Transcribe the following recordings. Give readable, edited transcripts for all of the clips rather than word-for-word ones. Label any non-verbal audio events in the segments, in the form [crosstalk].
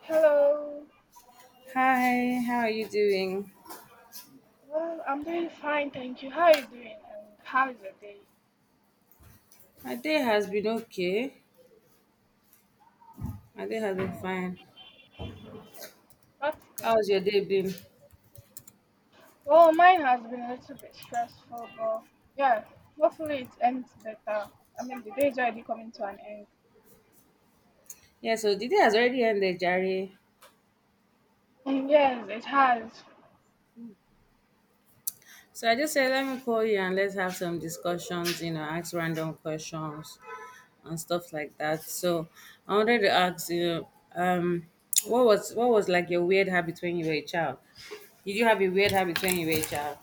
Hello. Hi, how are you doing? Well, I'm doing fine, thank you. How are you doing? And how is your day? My day has been okay. My day has been Oh, fine. okay, that's good. How's your day been? Well, mine has been a little bit stressful, but yeah, hopefully it ends better. I mean, the day is already coming to an end. Yeah, so the day has already ended, Jerry. And yes, it has. So I just said, let me call you and let's have some discussions, you know, ask random questions and stuff like that. So I wanted to ask you, um, what was like your weird habit when you were a child? Did you have a weird habit when you were a child?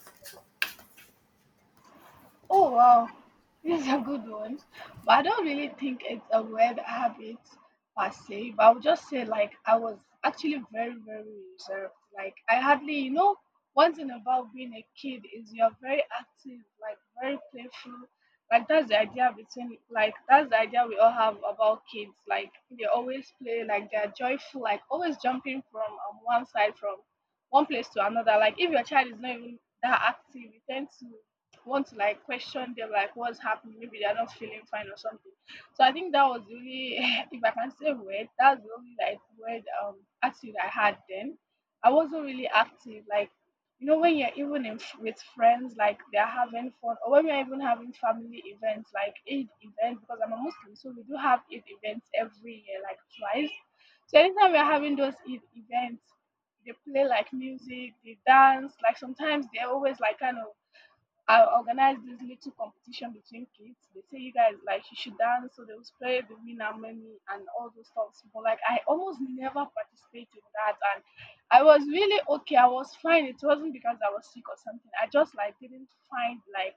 Oh wow, this is a good one. But I don't really think it's a weird habit per se, but I would just say like I was actually very, very reserved. Like I hardly, one thing about being a kid is you're very active, like very playful. Like that's the idea we all have about kids. Like they always play, like they're joyful, like always jumping from one place to another. Like if your child is not even that active, you tend to want to like question them, like what's happening, maybe they're not feeling fine or something. So I think that was the only, [laughs] if I can say weird, that's the only like weird attitude I had then. I wasn't really active, like when you're even with friends, like they're having fun, or when we're even having family events like Eid events, because I'm a Muslim. So we do have Eid events every year, like twice. So anytime we're having those Eid events, they play like music, they dance, like sometimes they're always like kind of I organized this little competition between kids. They say, you guys, like, you should dance, so they will play the winner money and all those stuff. But like I almost never participate in that, and I was really okay. I was fine. It wasn't because I was sick or something. I just like didn't find like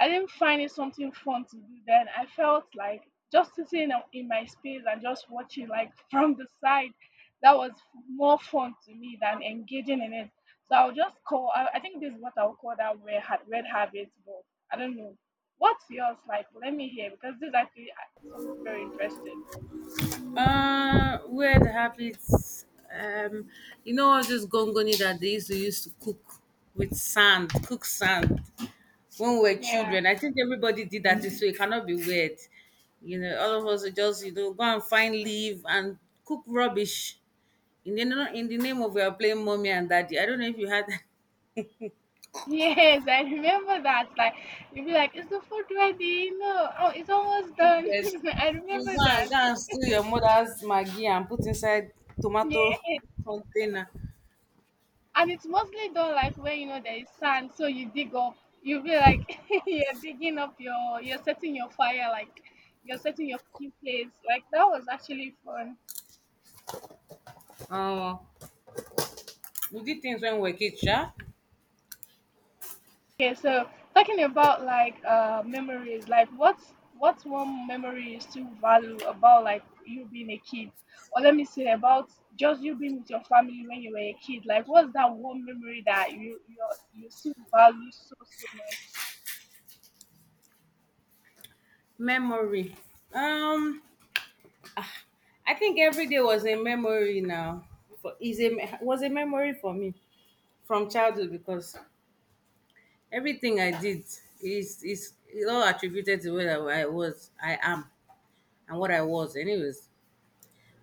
I didn't find it something fun to do then. I felt like just sitting in my space and just watching, like [laughs] from the side, that was more fun to me than engaging in it. So I think this is what I'll call that red habit. But I don't know. What's yours like? Let me hear, because this is actually something very interesting. Weird habits. Um, you know all this gongoni that they used to use to cook with sand, cook sand when we were Yeah. children. [laughs] I think everybody did that this way. It cannot be weird. You know, all of us are just, you know, go and find leaf and cook rubbish in the name of we are playing mommy and daddy. I don't know if you had. Yes, I remember that. Like, you'd be like, "Is the food ready? No, oh, it's [laughs] almost You done." get, [laughs] I you remember go and that. go and steal your mother's maggi and put inside tomato [laughs] [laughs] container. And it's mostly done like where there is sand, so you dig up. You'll be like, [laughs] you're digging up your you're setting your fire, like you're setting your cooking place. Like that was actually fun. Um, we did things when we were kids, yeah? Okay, so talking about like memories, like what's one memory you still value about like you being a kid? Or let me say about just you being with your family when you were a kid. Like what's that one memory that you still value so much? Memory. Um, I think every day was a memory now. For is a me- Was a memory for me from childhood because everything I did is it all attributed to where I was, I am, and what I was. Anyways,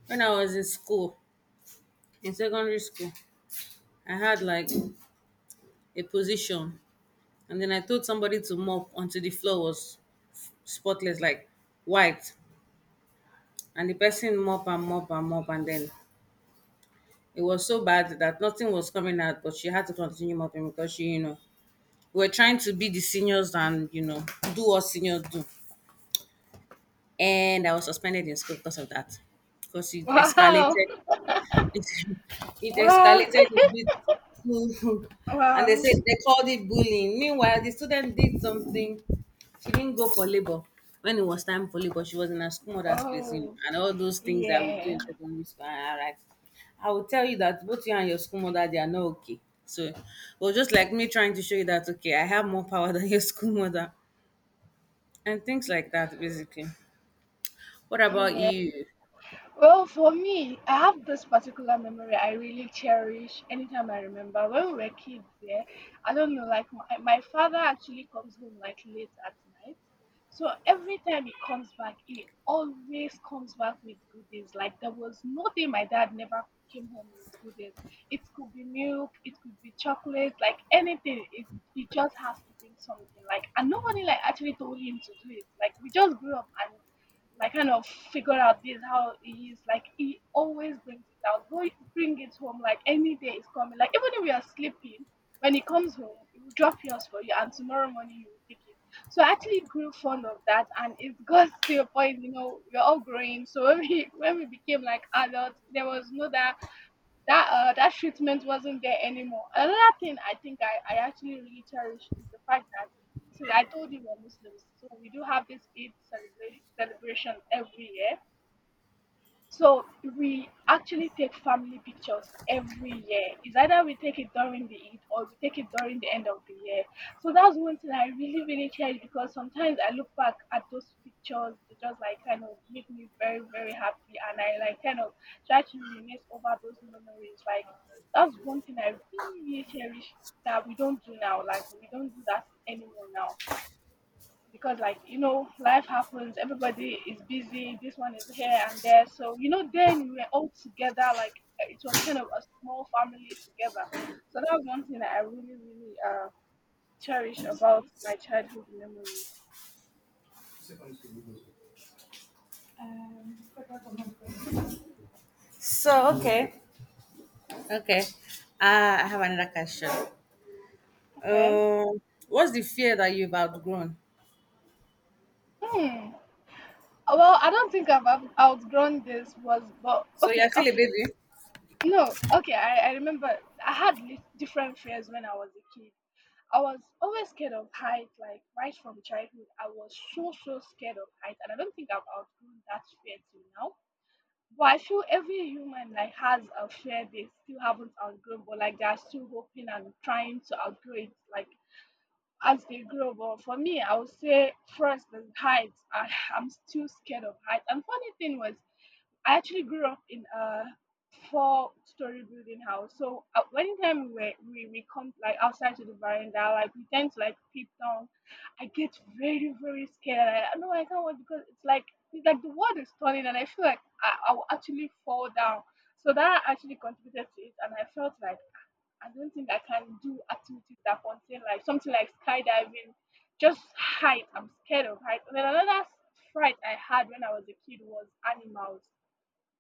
when I was in school, in secondary school, I had like a position, and then I told somebody to mop until the floor was spotless, like white, and the person mop and mop and mop, and then it was so bad that nothing was coming out, but she had to continue mopping because she, you know, we were trying to be the seniors and, you know, do what seniors do. And I was suspended in school because of that. Because it escalated [laughs] it, it Wow. Wow. escalated a bit to, [laughs] [laughs] and they Wow. said they called it bullying. Meanwhile, the student did something. She didn't go for labor. When it was time for labor, she was in her school mother's place, you know, Oh, and all those things that we do in yeah. secondary school. All right, I will tell you that both you and your school mother they are not okay. So, well, just like me trying to show you that okay, I have more power [laughs] than your school mother, and things like that, basically. What about Yeah. you? Well, for me, I have this particular memory I really cherish anytime I remember. When we were kids, yeah, I don't know, like my father actually comes home, like, late at night. So every time he comes back, he always comes back with goodies. Like there was no day my dad never came home with goodies. It could be milk, it could be chocolate, like anything. It he just has to bring something. Like, and nobody like actually told him to do it. Like we just grew up and I kind of figure out this how he is. Like he always brings it out. Go bring it home. Like any day is coming. Like even if we are sleeping, when he comes home, he will drop yours for you, and tomorrow morning you will take it. So I actually grew fond of that, and it got to a point. We're all growing. So [laughs] when we became like adults, there was no that that that treatment wasn't there anymore. Another thing I think I actually really cherish is the fact that, since I told you we're Muslims, so we do have this Eid celebration every year. So we actually take family pictures every year. It's either we take it during the Eid or we take it during the end of the year. So that's one thing I really, really cherish, because sometimes I look back at those pictures, they just like kind of make me very, very happy, and I like kind of try to reminisce over those memories. Like that's one thing I really, really cherish that we don't do now. Like we don't do that anymore now, because, like, life happens, everybody is busy, this one is here and there. So then we were all together, like, it was kind of a small family together. So that was one thing that I really, really cherish about my childhood memories. So okay, okay. I have another question. Okay. Um, what's the fear that you've outgrown? Hmm. Well, I don't think I've outgrown this, was, but So you're okay, still a okay. baby? No, okay, I remember. I had different fears when I was a kid. I was always scared of height, like right from childhood. I was so, so scared of height, and I don't think I've outgrown that fear till now. But I feel every human like has a fear they still haven't outgrown, but like they're still hoping and trying to outgrow it, like as they grow. But for me, I would say first is height. I'm still scared of height. And funny thing was, I actually grew up in a four-story building house. So anytime we come like outside to the veranda, like we tend to like peep down. I get very, very scared. I know I can't watch, because it's like the world is turning, and I feel like I will actually fall down. So that actually contributed to it, and I felt like I don't think I can do activities that contain like something like skydiving, just height. I'm scared of height. And then another fright I had when I was a kid was animals.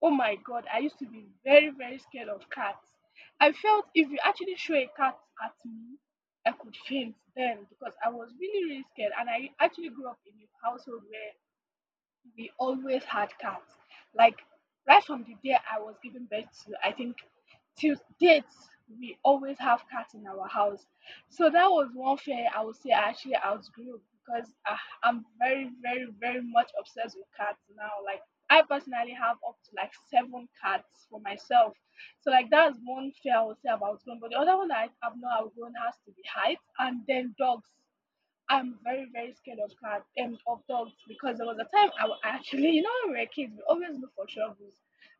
Oh my god, I used to be very, very scared of cats. I felt if you actually show a cat at me, I could faint then because I was really, really scared. And I actually grew up in a household where we always had cats. Like right from the day I was given birth to, I think till date, we always have cats in our house. So that was one fear I would say I actually outgrew, because I'm very, very, very much obsessed with cats now. Like I personally have up to like seven cats for myself. So like that's one fear I would say about outgrown. But the other one that I have not outgrown has to be height and then dogs. I'm very, very scared of cats and of dogs, because there was a time I actually, when we were kids, we always look for troubles.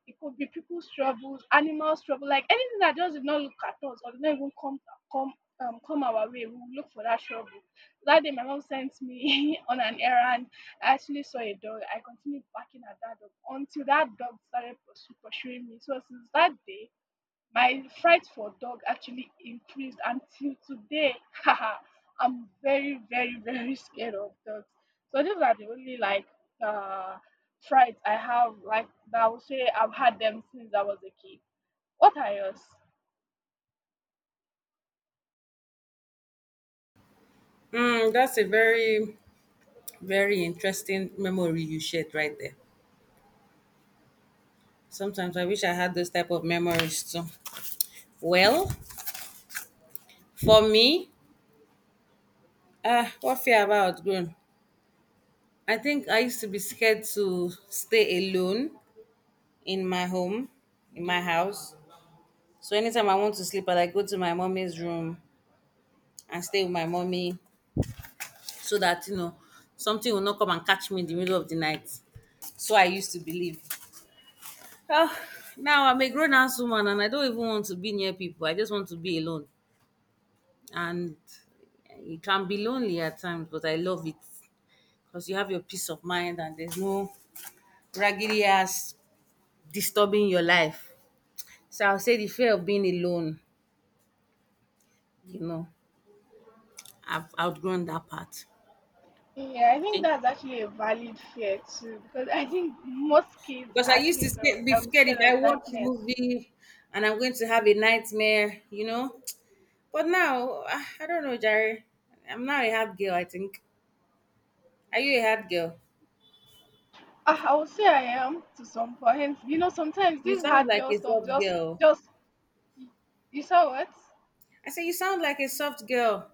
It could be people's troubles, animals' trouble, like anything that just did not look at us or did not even come come our way. We will look for that trouble. That day, my mom sent me [laughs] on an errand. I actually saw a dog. I continued barking at that dog until that dog started pursuing me. So since that day, my fright for dog actually increased until today. [laughs] Haha, I'm very, very, very scared of dogs. So these are the only like uh frights I have, like, that I would say I've had them since I was a kid. What are yours? Mm, that's a very, very interesting memory you shared right there. Sometimes I wish I had those type of memories too. Well, for me, what fear have I outgrown? I think I used to be scared to stay alone in my home, in my house. So anytime I want to sleep, I like go to my mommy's room and stay with my mommy so that you know something will not come and catch me in the middle of the night. So I used to believe. Well, now I'm a grown ass woman and I don't even want to be near people. I just want to be alone. And it can be lonely at times, but I love it because you have your peace of mind and there's no raggedy ass disturbing your life. So I'll say the fear of being alone, you know, I've outgrown that part. Yeah, I think Okay. that's actually a valid fear too, because I think most kids Because I are used to actually be scared if scared I of watch a darkness. movie and I'm going to have a nightmare, you know. But now, ah, I don't know, Jerry. I'm now a hard girl, I think. Are you a hard girl? I would say I am to some point. Sometimes You this sound hard like girl a stuff soft just, girl. You saw what? I say you sound like a soft girl.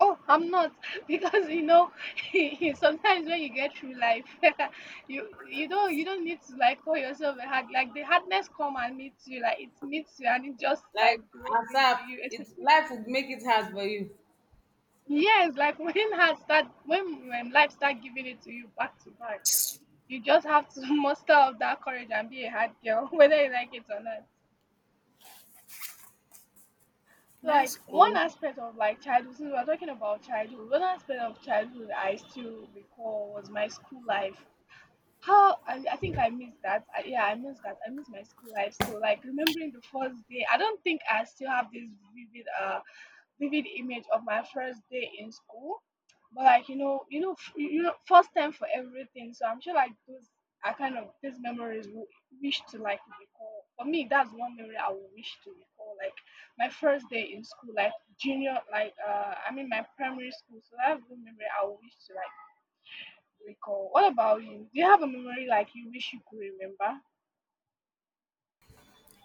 Oh, I'm not, [laughs] because [laughs] sometimes when you get through life, [laughs] you don't need to like call yourself a hard, like, the hardness come and meets you, like it meets you, and it just like Like grows into ASAP, you. it Especially life would make it hard for you. yes, like [laughs] when life start giving it to you back to back, you just have to [laughs] muster up that courage and be a hard girl, [laughs] whether you like it or not. That's Like one cool. aspect of like childhood, since we're talking about childhood, one aspect of childhood I still recall was my school life. How I think I missed that. Yeah, I missed that. I missed my school life. So like remembering the first day, I don't think I still have this vivid, uh, vivid image of my first day in school. But like first time for everything. So I'm sure like those are kind of these memories we wish to like recall. For me, that's one memory I would wish to recall. Like my first day in school, like junior, like I mean my primary school. So that's one memory I would wish to like recall. What about you? Do you have a memory like you wish you could remember?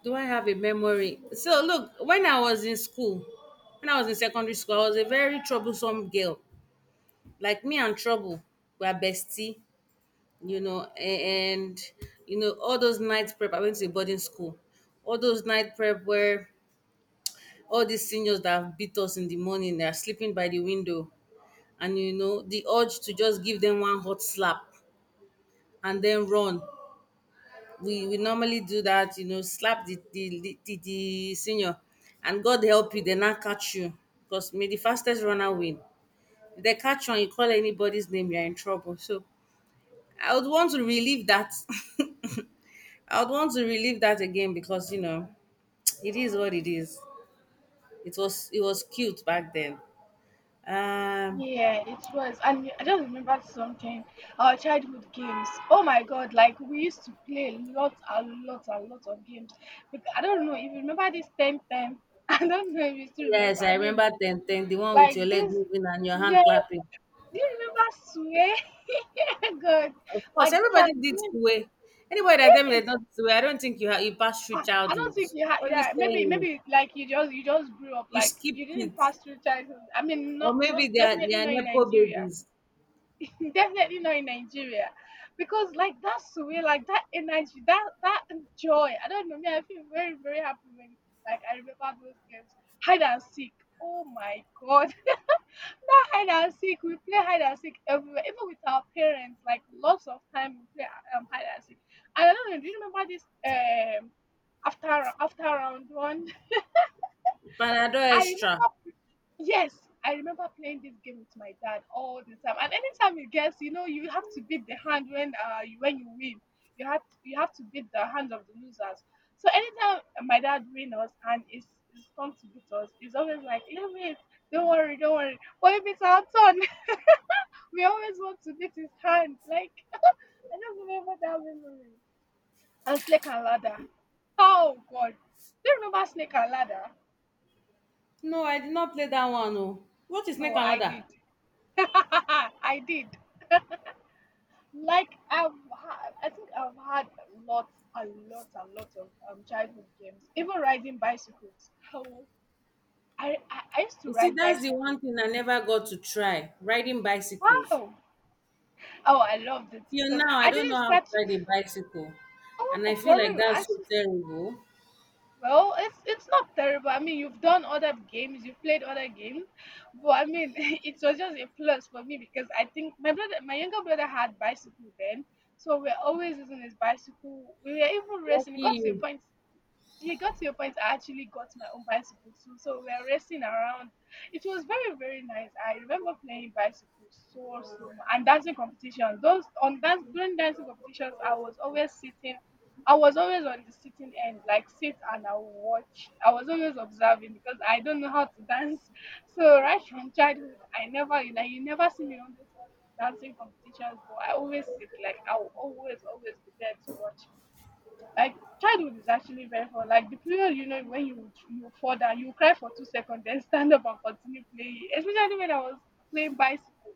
Do I have a memory? So look, when I was in school, when I was in secondary school, I was a very troublesome girl. Like me and trouble were bestie, you know, and you know all those night prep. I went to a boarding school. All those night prep where all these seniors that have beat us in the morning they are sleeping by the window, and you know the urge to just give them one hot slap and then run, we normally do that, you know, slap the senior, and god help you they not catch you because may the fastest runner win. If they catch you and you call anybody's name you're in trouble. So I would want to relieve that. [laughs] I would want to relieve that again because you know [tsk] it is what it is. It was cute back then. um Yeah, it was. And I just remembered something. Our childhood games. Oh my God! Like we used to play a lot, a lot, a lot of games. But I don't know if you remember this ten ten. [laughs] I don't know if you still Yes, remember. I I mean, remember ten ten, the one with like your leg this. moving and your hand Yeah. clapping. Do you remember Sway? [laughs] God, Of course, like this are everybody did games. way. Anybody that tell me they don't way, I don't think you passed through I don't childhood. think you had. What are you Yeah, maybe, saying? maybe like you just grew up You like skipped you didn't it, pass through childhood. I mean, or not maybe not they definitely are not in nepo Nigeria, babies. [laughs] definitely not in Nigeria, because like that's the way, like that energy, that joy. I don't know me. I feel very very happy when like I remember those games, hide and seek. Oh my God, hide and seek. We play hide and seek everywhere, even with our parents. Like lots of time we play hide and seek. And I don't know. Do you remember this after round one? Panadol [laughs] I extra. remember. Yes, I remember playing this game with my dad all the time. And anytime you guess, you know, you have to beat the hand when when you win. You have to beat the hands of the losers. So anytime my dad wins us and it's come to beat us, it's always like, leave it, don't worry, don't worry. But if it's our turn, [laughs] we always want to beat his hand. Like, I just remember that memory. And Snake and Ladder. Oh, God. Do you remember Snake and Ladder? No, I did not play that one. Oh, what is snake Oh, and I ladder? did. [laughs] I did. Like, I think I've had lots, a lot of childhood games. Even riding bicycles. Oh, I used to You see, ride that's the one bicycles. thing I never got to try riding bicycles. Wow. Oh, I loved it Till because now, I I don't know didn't how to start. ride a [laughs] bicycle, and I Oh, feel for like real. that's I, so terrible. well, it's not terrible. I mean, you've done other games, you've played other games, but I mean, [laughs] it was just a plus for me because I think my brother, my younger brother, had bicycle then, so we're always using his bicycle. We were even racing. Lucky It got to a you. point. You got to your point. I actually got my own bicycle too. So we were racing around. It was very, very nice. I remember playing bicycle so, so much. And dancing competition. Those on dance during dancing competitions, I was always sitting. I was always on the sitting end, like sit and I will watch. I was always observing because I don't know how to dance. So right from childhood, I never, you know, you never see me on those dancing competitions, but I always sit like I will always, always be there to watch. Like childhood is actually very fun. Like the period, you know, when you fall down, you cry for 2 seconds, then stand up and continue playing. Especially when I was playing bicycle,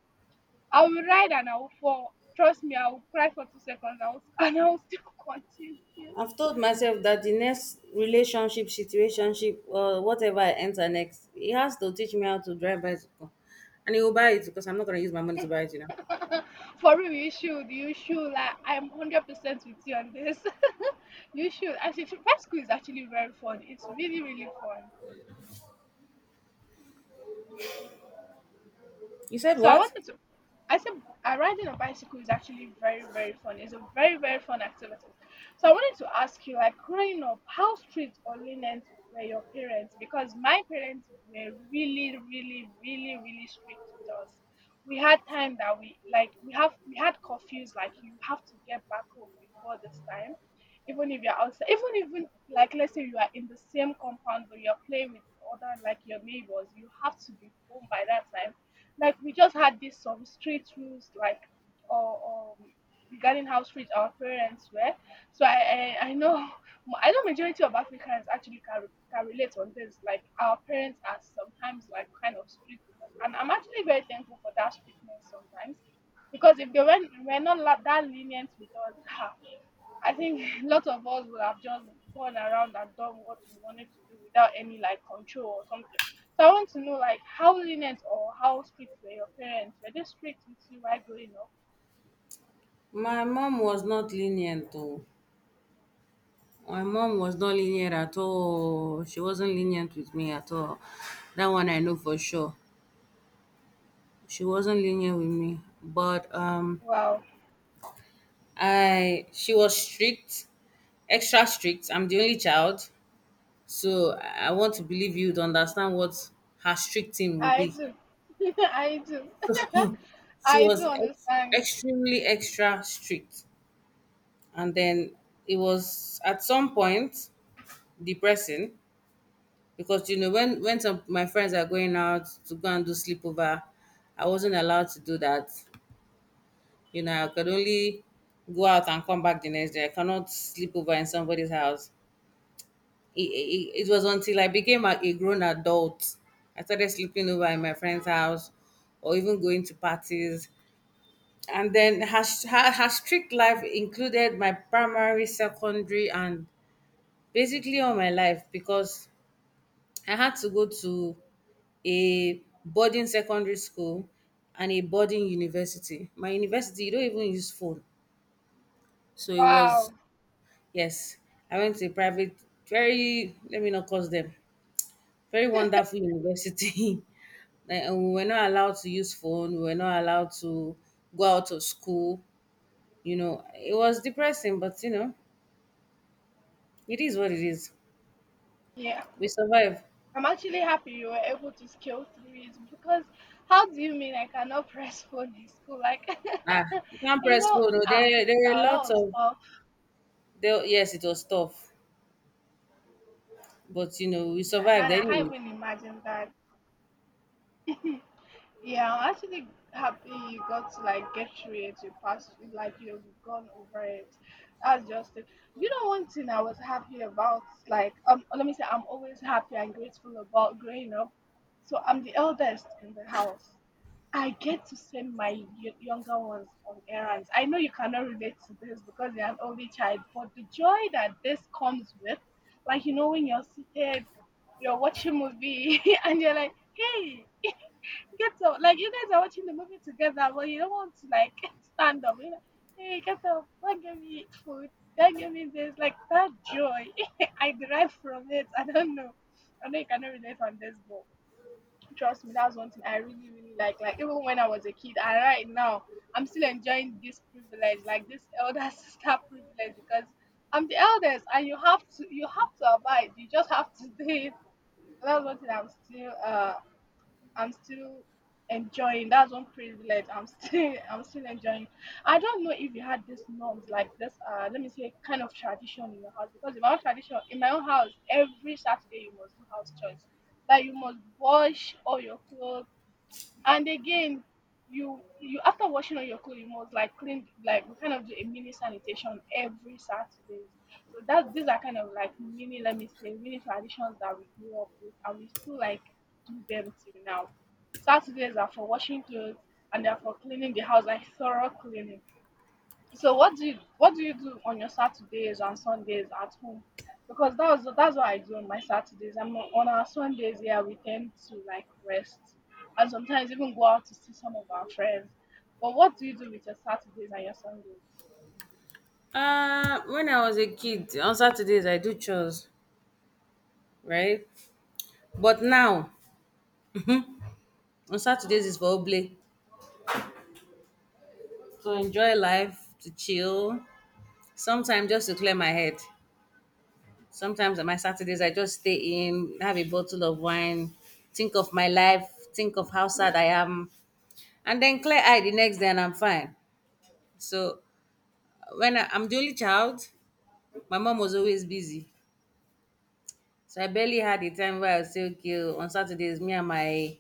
I will ride and I will fall. Trust me, I will cry for 2 seconds. I will [laughs] and I will still continue. I've told myself that the next relationship, situationship, or whatever I enter next, it has to teach me how to drive bicycle. And he will buy it because I'm not going to use my money to buy it, you know. For real, you should, you should. Like I'm 100% with you on this. [laughs] You should. Actually, bicycle is actually very fun. It's really really fun. You said So I what? wanted to. I said riding a bicycle is actually very very fun. It's a very very fun activity. So I wanted to ask you, like growing up, how strict or lenient were your parents? Because my parents were really really really really strict with us. We had time that we like we have we had curfews like you have to get back home before this time. Even if you're outside, even like let's say you are in the same compound but you're playing with other like your neighbors, you have to be home by that time like we just had this some street rules like or um regarding how strict our parents were. So I know [laughs] I know majority of Africans actually can relate on this. Like our parents are sometimes like kind of strict with us, and I'm actually very thankful for that strictness sometimes because if they were not that lenient with us, [laughs] I think [laughs] a lot of us would have just gone around and done what we wanted to do without any like control or something. So I want to know like how lenient or how strict were your parents? Were they strict with you while growing up? My mom was not lenient though. My mom was not lenient at all. She wasn't lenient with me at all. That one I know for sure. She wasn't lenient with me. But Wow, I she was strict, extra strict. I'm the only child. So I want to believe you'd understand what her strict thing will I be. do, [laughs] I do, [laughs] She I do was understand. extremely extra strict. And then it was at some point depressing because, you know, when some, my friends are going out to go and do sleepover, I wasn't allowed to do that. You know, I could only go out and come back the next day. I cannot sleep over in somebody's house. It was until I became a grown adult. I started sleeping over in my friend's house or even going to parties. And then her strict life included my primary, secondary, and basically all my life because I had to go to a boarding secondary school and a boarding university. My university, you don't even use phone. So it was, Wow, yes, I went to a private, very, let me not cause them, very wonderful university. [laughs] Like, and we were not allowed to use phone. We were not allowed to go out of school. You know, it was depressing, but you know, it is what it is. yeah. We survive. I'm actually happy you were able to scale through it because how do you mean I cannot [laughs] press phone in school? Like, Ah, you can't [laughs] you press know, phone. Oh, ah, there are now that lots was of. tough. There, yes, it was tough, but you know, we Yeah, survived and I anyway. can't even imagine that. Yeah, I'm actually happy you got to like get through it. You passed, it, like you've gone over it. That's just it. You know, one thing I was happy about, like, let me say, I'm always happy and grateful about growing up. So I'm the eldest in the house. I get to send my younger ones on errands. I know you cannot relate to this because you're an only child, but the joy that this comes with, like, you know, when you're seated, you're watching movie, [laughs] and you're like, hey, get up. Like, you guys are watching the movie together, but you don't want to, like, [laughs] stand up. You're like, hey, get up. Don't give me food. Don't give me this. Like, that joy, [laughs] I derive from it. I don't know. I know you cannot relate on this, but trust me, that's one thing I really, really like. Like even when I was a kid, and right now I'm still enjoying this privilege, like this elder [laughs] sister privilege, because I'm the eldest, and you have to abide. You just have to [laughs] do it. That's one thing I'm still enjoying. That's one privilege I'm still, [laughs] I'm still enjoying. I don't know if you had these norms like this. Let me say, kind of tradition in your house, because in my own tradition, in my own house, every Saturday you must do house chores. Like you must wash all your clothes and again, you after washing all your clothes, you must like clean like we kind of do a mini sanitation every Saturday. So that these are kind of like mini, let me say, mini traditions that we grew up with and we still like do them till now. Saturdays are for washing clothes and they are for cleaning the house like thorough cleaning. So what do you do on your Saturdays and Sundays at home? Because that's what I do on my Saturdays. I'm on our Sundays, yeah, we tend to like rest and sometimes even go out to see some of our friends. But what do you do with your Saturdays and your Sundays? When I was a kid, on Saturdays I do chores, right? But now, on Saturdays is for oblate to enjoy life, to chill, sometimes just to clear my head. Sometimes on my Saturdays, I just stay in, have a bottle of wine, think of my life, think of how sad I am, and then clear eye the next day and I'm fine. So I'm the only child, my mom was always busy. So I barely had a time where I would say, okay, on Saturdays, me and my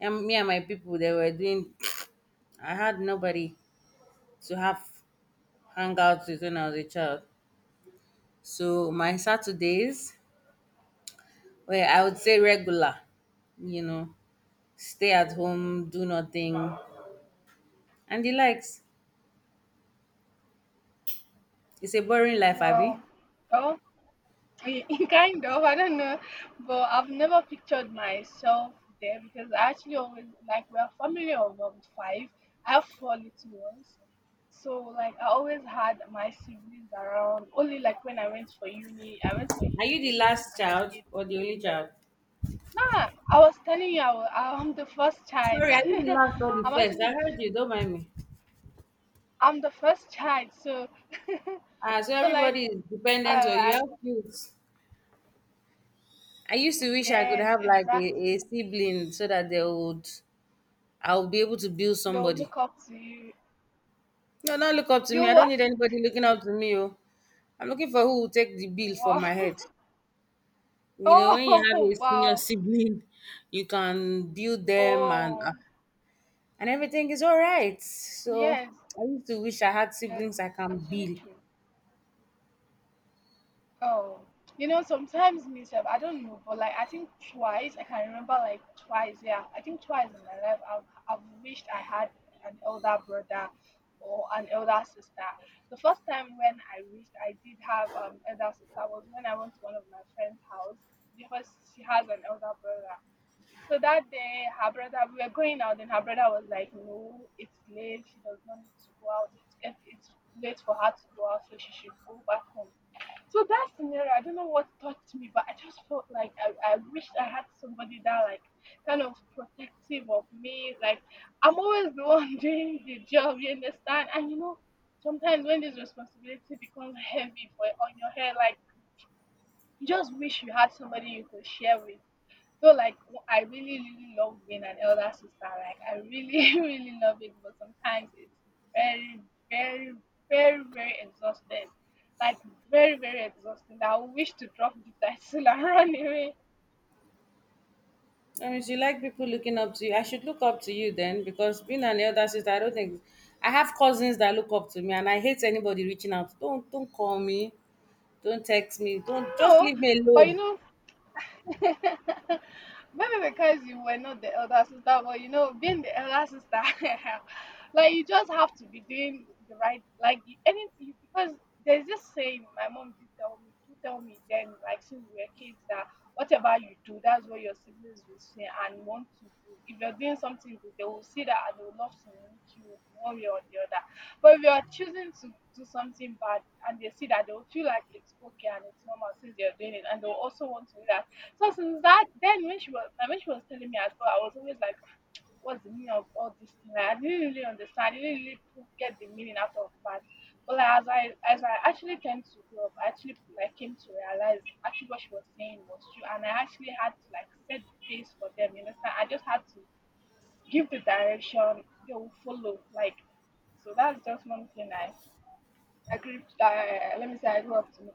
and me and my people they were doing. [tsk] I had nobody to have hangouts with when I was a child. So my Saturdays were, I would say, regular, you know. Stay at home, do nothing, and the likes. It's a boring life, Abby. Wow. I- [laughs] kind of I don't know but I've never pictured myself there because I actually always like we're a family of five. I have four little ones so like I always had my siblings around only like when I went for uni I went for Are you uni the alone last and I child stayed or the only there. child? Nah, I was telling you I'm the first child. Sorry, are you the last or the [laughs] I'm first? actually I the, heard f- you, don't mind me. I'm the first child so Ah, so [laughs] so like everybody is uh dependent on you. I- How cute. I used to wish I could yes have like a exactly sibling so that they would, I would be able to build they'll somebody. look up to you. No, not look up to me. You I don't what? need anybody looking up to me. Oh. I'm looking for who will take the bill for Wow. my head. [laughs] You know, when you have Oh, a [laughs] senior wow. sibling, you can build them and ah, Oh, and everything is all right. So yes, I used to wish I had yes. siblings I can Actually, be. true. Oh, you know, sometimes myself, I don't know, but like I think twice, I can remember like twice. Yeah, I think twice in my life, I've wished I had an elder brother or an elder sister. The first time when I wished I did have elder sister was when I went to one of my friend's house because she has an elder brother. So that day, her brother, we were going out, and her brother was like, "No, it's late. She does not need to go out. It's late for her to go out, so she should go back home." So that scenario, I don't know what touched me, but I just felt like I wished I had somebody that like kind of protective of me. Like I'm always the one [laughs] doing the job, you understand? And you know, sometimes when this responsibility becomes heavy for on your head, like you just wish you had somebody you could share with so I really really love being an elder sister. Like I really [laughs] really love it, but sometimes it's very very very very exhausting. Like very very exhausting. I wish to drop the title [laughs] and run away. I mean, you like people looking up to you. I should look up to you then, because being an elder sister, I don't think I have cousins that look up to me, and I hate anybody reaching out. Don't call me, don't text me, don't just No, leave me but you alone. know [laughs] maybe because you were not the elder sister, but you know, being the elder sister, [laughs] like you just have to be doing the right, because there's this saying my mom do tell me then, like since we were kids, that whatever you do, that's what your siblings will say and want to do. If you're doing something good, they will see that and they will love to mimic you in one way or the other. But if you're choosing to do something bad and they see that, they will feel like it's okay and it's normal since you're doing it, and they'll also want to do that so since that, then when she was telling me as well, I was always like, what's the meaning of all this thing? Like, I didn't really understand. I didn't really pu- get the meaning out of that. But like, as I actually came to grow up, I actually like came to realize actually what she was saying was true, and I actually had to like set the pace for them. You understand? I just had to give the direction they will follow. Like, so that's just one thing I grew up, let me say I grew up to know.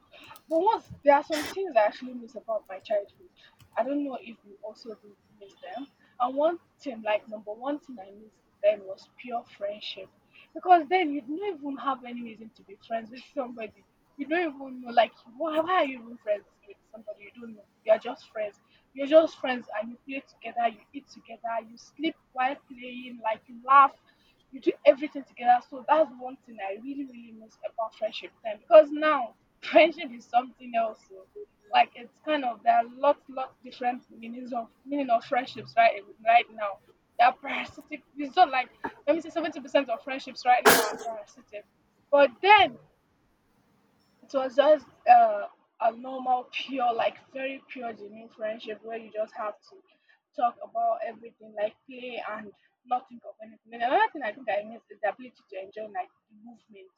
But once there are some things I actually miss about my childhood. I don't know if you also do miss them. And one thing, like number one thing I missed then was pure friendship. Because then you don't even have any reason to be friends with somebody. You don't even know, like, why are you even friends with somebody you don't know? You're just friends. You're just friends and you play together, you eat together, you sleep while playing, like, you laugh you do everything together. So that's one thing I really, really miss about friendship time because now [laughs] friendship is something else. So like it's kind of there are lots different meaning of friendships right now. They are parasitic. It's not like let me say 70% of friendships right now are parasitic, but then it was just a normal, pure, like very pure, genuine friendship where you just have to talk about everything, like play and not think of anything. And another thing I think I miss is the ability to enjoy like the movement.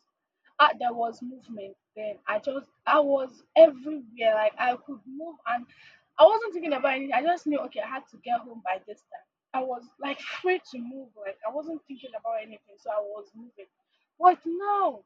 Ah, there was movement then. I was everywhere. Like I could move and I wasn't thinking about anything. I just knew okay, I had to get home by this time. I was like free to move. Like I wasn't thinking about anything, so I was moving. But now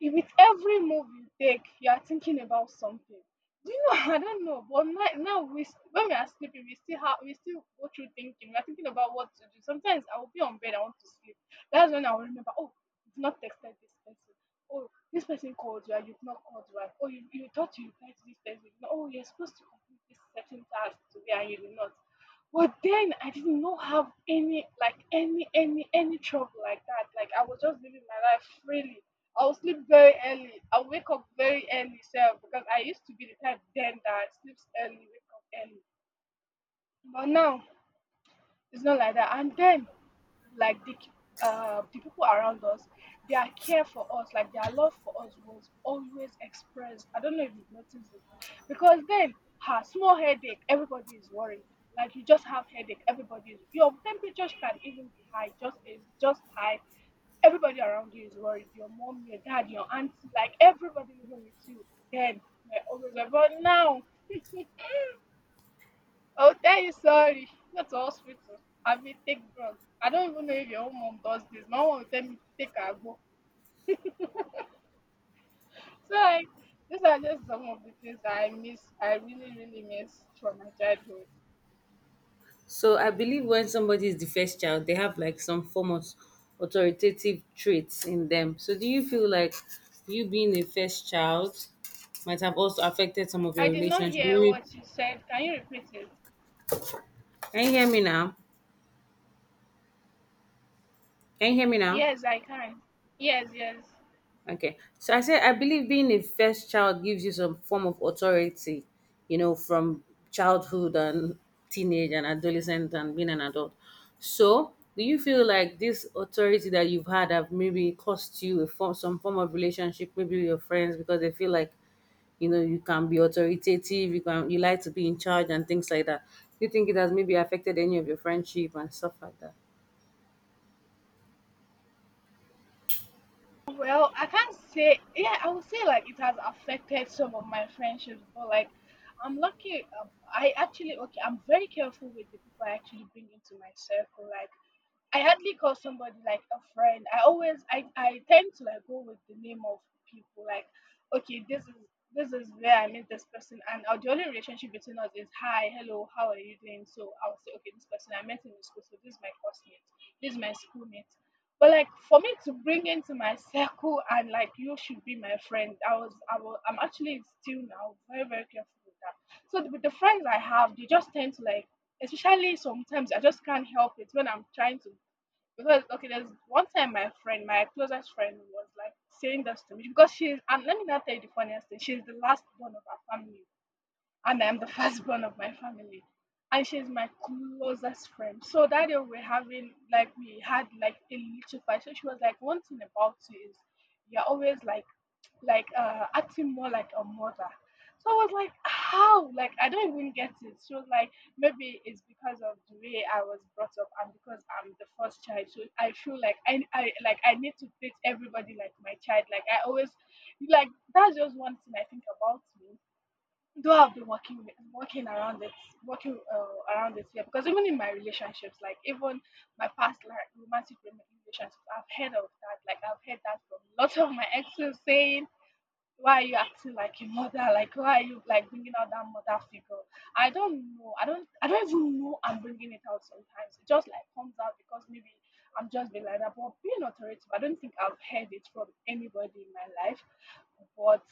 if with every move you take, you are thinking about something. Do you know? [laughs] I don't know. But now, when we are sleeping, we still go through thinking. We are thinking about what to do. Sometimes I will be on bed, I want to sleep. That's when I will remember. Oh, you've not texted this person. Oh, this person called you, and you've not called you back. Oh, you thought you replied to this person. You know, oh, you're supposed to complete this certain task today, and you did not. But then I did not have any any trouble like that. Like I was just living my life freely. I will sleep very early. I'll wake up very early self because I used to be the type then that sleeps early, wake up early. But now it's not like that. And then, like the the people around us, their care for us, like their love for us, was always expressed. I don't know if you noticed it, because then, ha, small headache, everybody is worried. Like you just have headache, everybody is. Your temperature can even be high, just high. Everybody around you is worried. Your mom, your dad, your auntie, like everybody living with you. Then we're always worried. But now I will tell you sorry, not to hospital. I mean, take drug. I don't even know if your own mom does this. My mom will tell me to take agbo. So like, these are just some of the things that I miss. I really, really miss from my childhood. So I believe when somebody is the first child, they have like some form of authoritative traits in them. So do you feel like you being a first child might have also affected some of I your did not relationship? hear Maybe. what you said. Can you repeat it? Can you hear me now? Can you hear me now? Yes, I can. Yes, yes. Okay. So I said, I believe being a first child gives you some form of authority, you know, from childhood and teenage and adolescent and being an adult. So do you feel like this authority that you've had have maybe cost you a form, some form of relationship, maybe with your friends, because they feel like, you know, you can be authoritative, you like to be in charge and things like that. Do you think it has maybe affected any of your friendship and stuff like that? Well, I can't say. Yeah, I would say like it has affected some of my friendships, but like I'm lucky. I actually okay. I'm very careful with the people I actually bring into my circle. Like I hardly call somebody like a friend. I tend to like go with the name of people. Like, okay, this is where I met this person and our the only relationship between us is hi, hello, how are you doing? So I'll say, okay, this person I met him in the school, so this is my classmate, this is my schoolmate. But like for me to bring into my circle and like you should be my friend, I'm actually still now very, very careful with that. So the, with the friends I have, they just tend to like especially sometimes I just can't help it when I'm trying to because okay, there's one time my friend, my closest friend, was like saying this to me because she's and let me not tell you the funniest thing. She's the last born of her family and I'm the [laughs] firstborn of my family. And she's my closest friend. So that day we are having we had like a little fight. So she was like, one thing about you is you're always like acting more like a mother. So I was like, how? Like I don't even get it. She was like, maybe it's because of the way I was brought up and because I'm the first child. So I feel like I need to treat everybody like my child. Like I always like that's just one thing I think about me. Though I've been working around it, yeah. Because even in my relationships, like even my past like romantic relationships, I've heard of that. Like I've heard that from lots of my exes saying why are you acting like a mother? Like why are you like bringing out that mother figure? I don't know. I don't. I don't even know I'm bringing it out. Sometimes it just like comes out because maybe I'm just being like that. But being authoritative, I don't think I've heard it from anybody in my life. But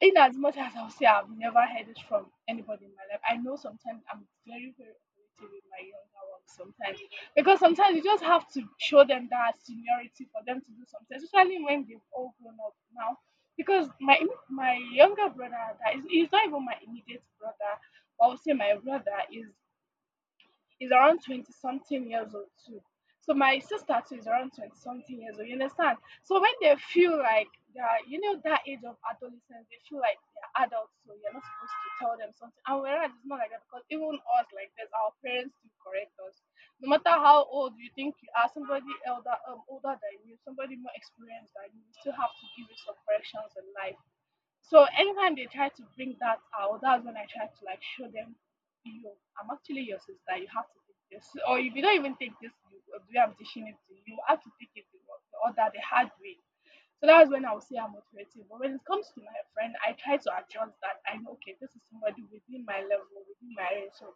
in as much as I'll say I've never heard it from anybody in my life, I know sometimes I'm very very authoritative with my younger ones sometimes because sometimes you just have to show them that seniority for them to do something, especially when they've all grown up now because my younger brother that is he's not even my immediate brother but I would say my brother is around 20 something years old too so my sister too is around 20 something years old you understand so when they feel like they're you know that age of adolescence they feel like they're adults so you're not supposed to tell them something and whereas it's not like that because even us like this our parents do correct us no matter how old you think you are somebody elder older than you somebody more experienced than you you still have to give you some corrections in life so anytime they try to bring that out, that's when I try to like show them, yo, I'm actually your sister. You have to take this, or if you don't even take this, you, the way I'm teaching it to you, you have to take it the other, the hard way. So that's when I would say I'm motivated. But when it comes to my friend, I try to adjust that. I know, okay, this is somebody within my level, within my range, so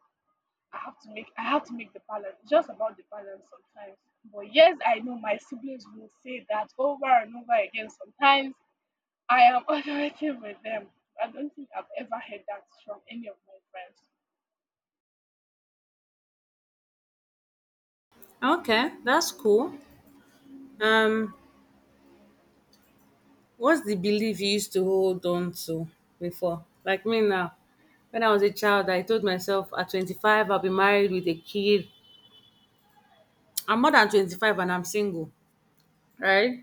I have to make the balance. It's just about the balance sometimes. But yes, I know my siblings will say that over and over again sometimes I am [laughs] authoritative with them. I don't think I've ever heard that from any of my friends. Okay, that's cool. Um, What's the belief you used to hold on to before? Like me now, when I was a child, I told myself at 25, I'll be married with a kid. I'm more than 25 and I'm single, right?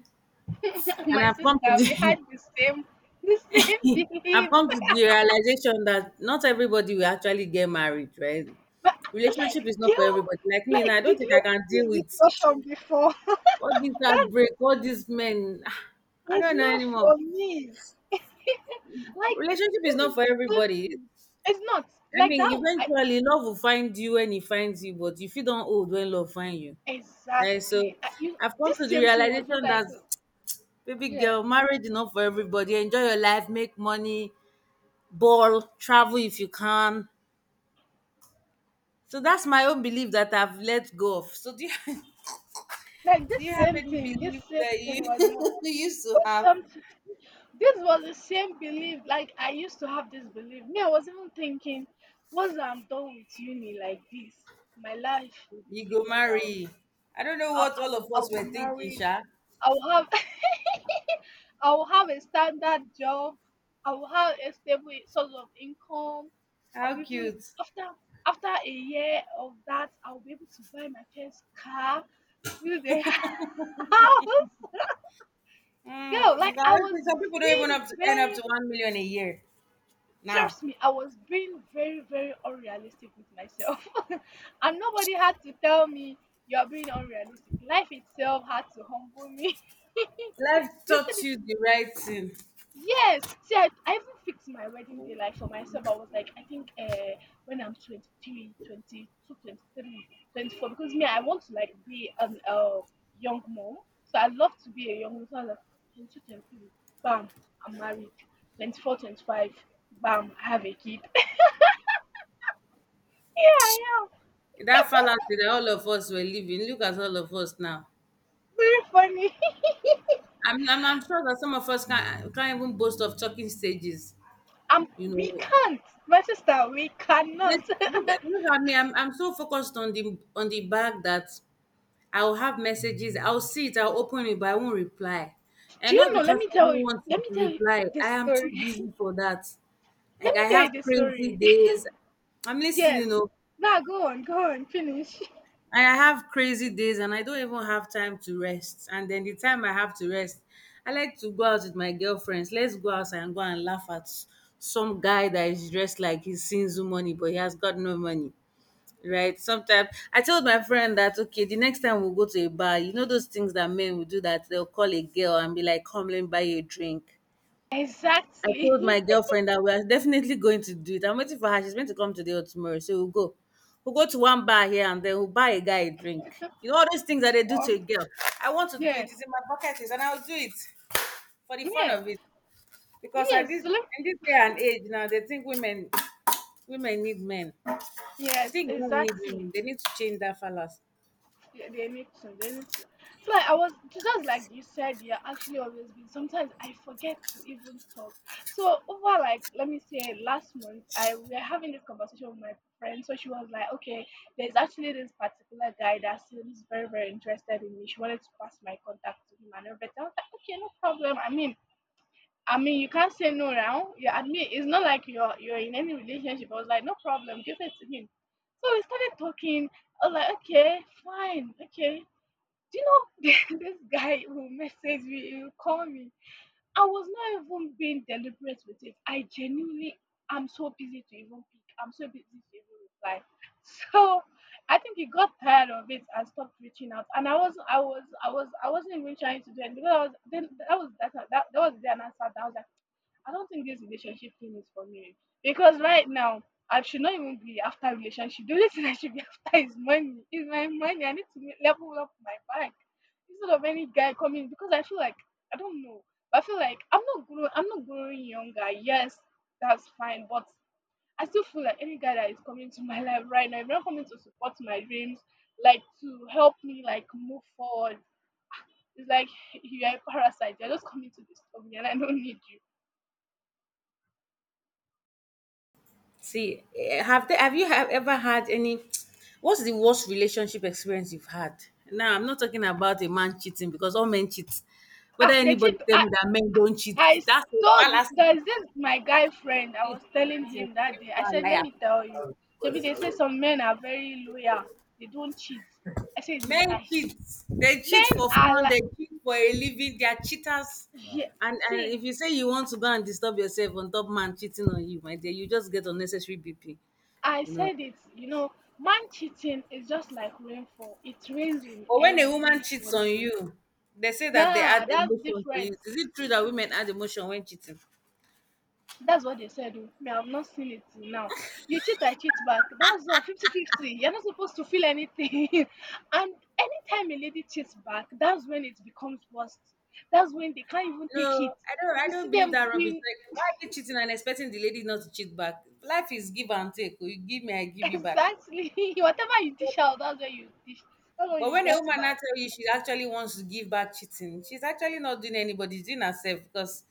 [laughs] And my I've come to sister, we the had the same [laughs] [laughs] I've belief. come to the realization that not everybody will actually get married, right? But like Relationship is not for yo, everybody. Like me, now like I don't did think we I can deal have this with discussion before? [laughs] all this That's heartbreak, all these men. [sighs] I It's don't know not anymore. for me. [laughs] like Relationship is this not is for the same everybody. thing. It's not. I Like mean, that I, eventually love will find you when he finds you, but you feel don't old when love find you. And so exactly. I, you, I've come This to the same thing was realization what I that told. [tsk] baby Yeah. girl, marriage is not for everybody. Enjoy your life, make money, ball, travel if you can. So that's my own belief that I've let go of. So do you, [laughs] Like do you have any this belief same that thing you, was more [laughs] you used to was have? something this was the same belief. Like I used to have this belief. Me, I was even thinking, once I'm done with uni like this, my life will be You go figured out. marry. I don't know I'll what all of I'll, I'll us be were thinking, married. Sha. I'll have [laughs] I'll have a standard job. I'll have a stable source of income. How I'll even cute. after after a year of that, I'll be able to buy my first car, build a [laughs] house. Girl, Mm, you like guys, I was some people don't even have being to end up very to 1 million a year. Now, Trust me, I was being very, very unrealistic with myself. [laughs] and nobody had to tell me you're being unrealistic. Life itself had to humble me. [laughs] life They said taught if you the right thing. Yes. See, I even fixed my wedding day like for myself. I was like, I think when I'm 24, because me, I want to like be an young mom. So I love to be a young mom. So I was like, 22, 23, bam, I'm married. 24, 25, bam, I have a kid. [laughs] yeah, I am. That fallacy that all of us were living. Look at all of us now. Very funny. [laughs] I'm sure that some of us can't even boast of talking stages. Um, You we know, can't, my sister. We this- cannot. [laughs] Do look at me. I'm so focused on the bag that I'll have messages. I'll see it. I'll open it, but I won't reply. And you not know? Let because me I don't tell you. want Let me to tell you reply. I this am too story. busy for that. [laughs] Like Let I me tell have you this crazy story. days. I'm listening. You Yes. know, Now go on, finish. [laughs] I have crazy days and I don't even have time to rest. And then the time I have to rest, I like to go out with my girlfriends. Let's go outside and go and laugh at some guy that is dressed like he's Sinzu money, but he has got no money. Right? Sometimes I told my friend that okay, the next time we'll go to a bar, you know those things that men will do that they'll call a girl and be like, come let me buy you a drink. I Exactly. told my [laughs] girlfriend that we're definitely going to do it. I'm waiting for her. She's meant to come today or tomorrow. So we'll go. We'll go to one bar here and then we'll buy a guy a drink. You know, all those things that they do to a Um, girl. I want to do yeah, it. It's in my bucket list and I'll do it for the fun yeah, of it. Because at this yes, look, in this day and age now, they think women women need men. I yes, think men need exactly. women. They need to change that fallacy. Yeah, they need to, they need to. So just like you said, yeah, actually always been. Sometimes I forget to even talk. So over like, let me say, last month, I we were having this conversation with my friend. So she was like, okay, there's actually this particular guy that seems very very interested in me. She wanted to pass my contact to him and everything. I was like, okay, no problem. I mean, you can't say no now. You admit it's not like you're in any relationship. I was like, no problem, give it to him. So we started talking. I was like, okay, fine, okay. Do you know [laughs] this guy will message me, he will call me. I was not even being deliberate with it. I'm so busy to even pick. I'm so busy to even reply. So I think he got tired of it and stopped reaching out. And I wasn't even trying to do it because I was then that was that that, that was the day, and I sat down. Was like, I don't think this relationship thing is for me because right now I should not even be after relationship. The only thing I should be [laughs] after is money. Is my money. I need to level up my bank instead of any guy coming because I feel like I don't know. But I feel like I'm not growing. I'm not growing younger. Yes, that's fine, but I still feel like any guy that is coming to my life right now, if not coming to support my dreams, like to help me like move forward, it's like you're a parasite. You're just coming to disturb me, and I don't need you. See, eh, have they, have you have ever had any? What's the worst relationship experience you've had? Now, I'm not talking about a man cheating because all men cheat. Whether Ah, they anybody cheat. tell me that men don't cheat, I s- that's a Told fallacy. there's this my guy friend. I Please, was put telling that in- him that day. people I said, "Let me tell you, are Shebi, they say some men are very loyal. They don't cheat." I said, "It's a men lie. cheat. They cheat Men for are fun. like, They cheat for a living. They are cheaters. yeah." And See, if you say you want to go and disturb yourself on top man cheating on you, my dear, you just get unnecessary BP. I You know. said it. You know, man cheating is just like rainfall. It rains in But when a woman every cheats on country. you, they say that they add Nah, that's emotion to it. different. Is it true that women add emotion when cheating? That's what they said. Oh. Me, I've not seen it till now. You cheat, I cheat back. That's all 5050. You're not supposed to feel anything. [laughs] and anytime a lady cheats back, that's when it becomes worst. That's when they can't even No, take it. If I you see don't believe that them rubbish. being Like, why are you cheating and expecting the lady not to cheat back? Life is give and take. Oh. You give me, I [laughs] give you back. exactly. [laughs] whatever you But, dish out, that's where you dish. that's what but you when a get woman now back. tell you she actually wants to give back cheating, she's actually not doing anybody, she's doing herself because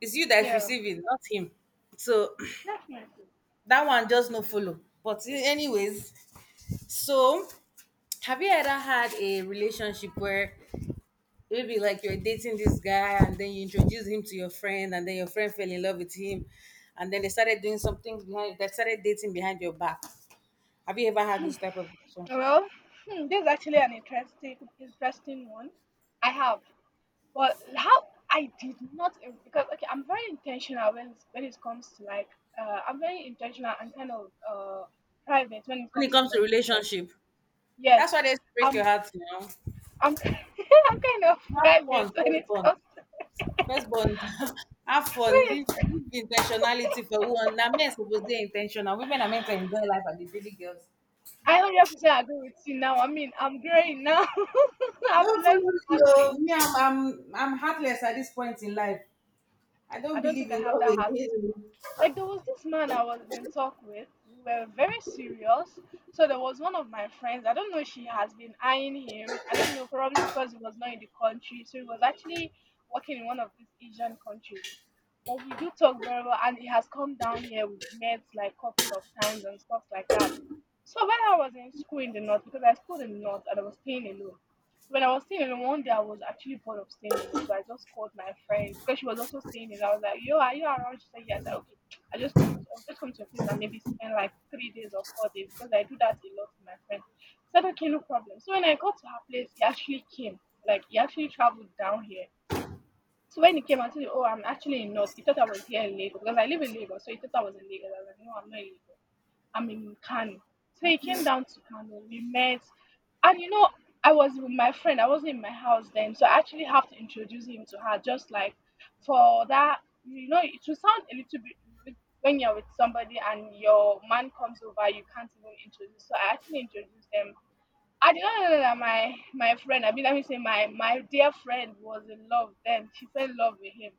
it's you that's Yeah, receiving, not him. So definitely. [clears throat] that one just no follow. But anyways, so have you ever had a relationship where maybe like you're dating this guy and then you introduce him to your friend and then your friend fell in love with him and then they started doing something behind they started dating behind your back? Have you ever had this type of relationship? Well, hmm, this is actually an interesting, interesting one. I have. But how I did not because Okay, I'm very intentional when it comes to like I'm very intentional and kind of private when it When it comes to comes my to relationship. relationship, Yes, that's why they break your I'm heart, you know. I'm [laughs] I'm kind of Have fun private when first, it bond comes to [laughs] first, bond [laughs] have fun, when leave, it's leave intentionality for one. Now men suppose dey intentional, women are meant to enjoy life and be really girls. I 100% agree with you now. I mean, I'm growing now. [laughs] I've Don't follow learned me that way. o, me I'm heartless at this point in life. I I don't don't think believe I in have love that heart. again. Like there was this man I was in talk with. We were very serious. So there was one of my friends. I don't know if she has been eyeing him. I don't know, probably because he was not in the country. So he was actually working in one of these Asian countries. But we do talk very well, and he has come down here. We've met like couple of times and stuff like that. So when I was in school in the north, because I schooled in the north and I was staying alone. When I was staying alone, one day I was actually bored of staying alone, so I just called my friend because she was also staying alone. I was like, "Yo, are you around?" She said, "Yes." Said, okay. I'll just come to a place and maybe spend like 3 days or 4 days because I do that a lot with my friend. He said, okay, no problem. So when I got to her place, he actually came. Like he actually traveled down here. So when he came and said, oh, I'm actually in North, he thought I was here in Lagos because I live in Lagos. So he thought I was in Lagos. I was like, no, I'm not in Lagos. I'm in Kano. So he came down to Kano. We met, and you know, I was with my friend. I wasn't in my house then, so I actually have to introduce him to her. Just like for that, you know, it will sound a little bit rude when you're with somebody and your man comes over, you can't even introduce. So I actually introduced them. I did not know that my friend, I mean, let me say my dear friend was in love then. She fell in love with him.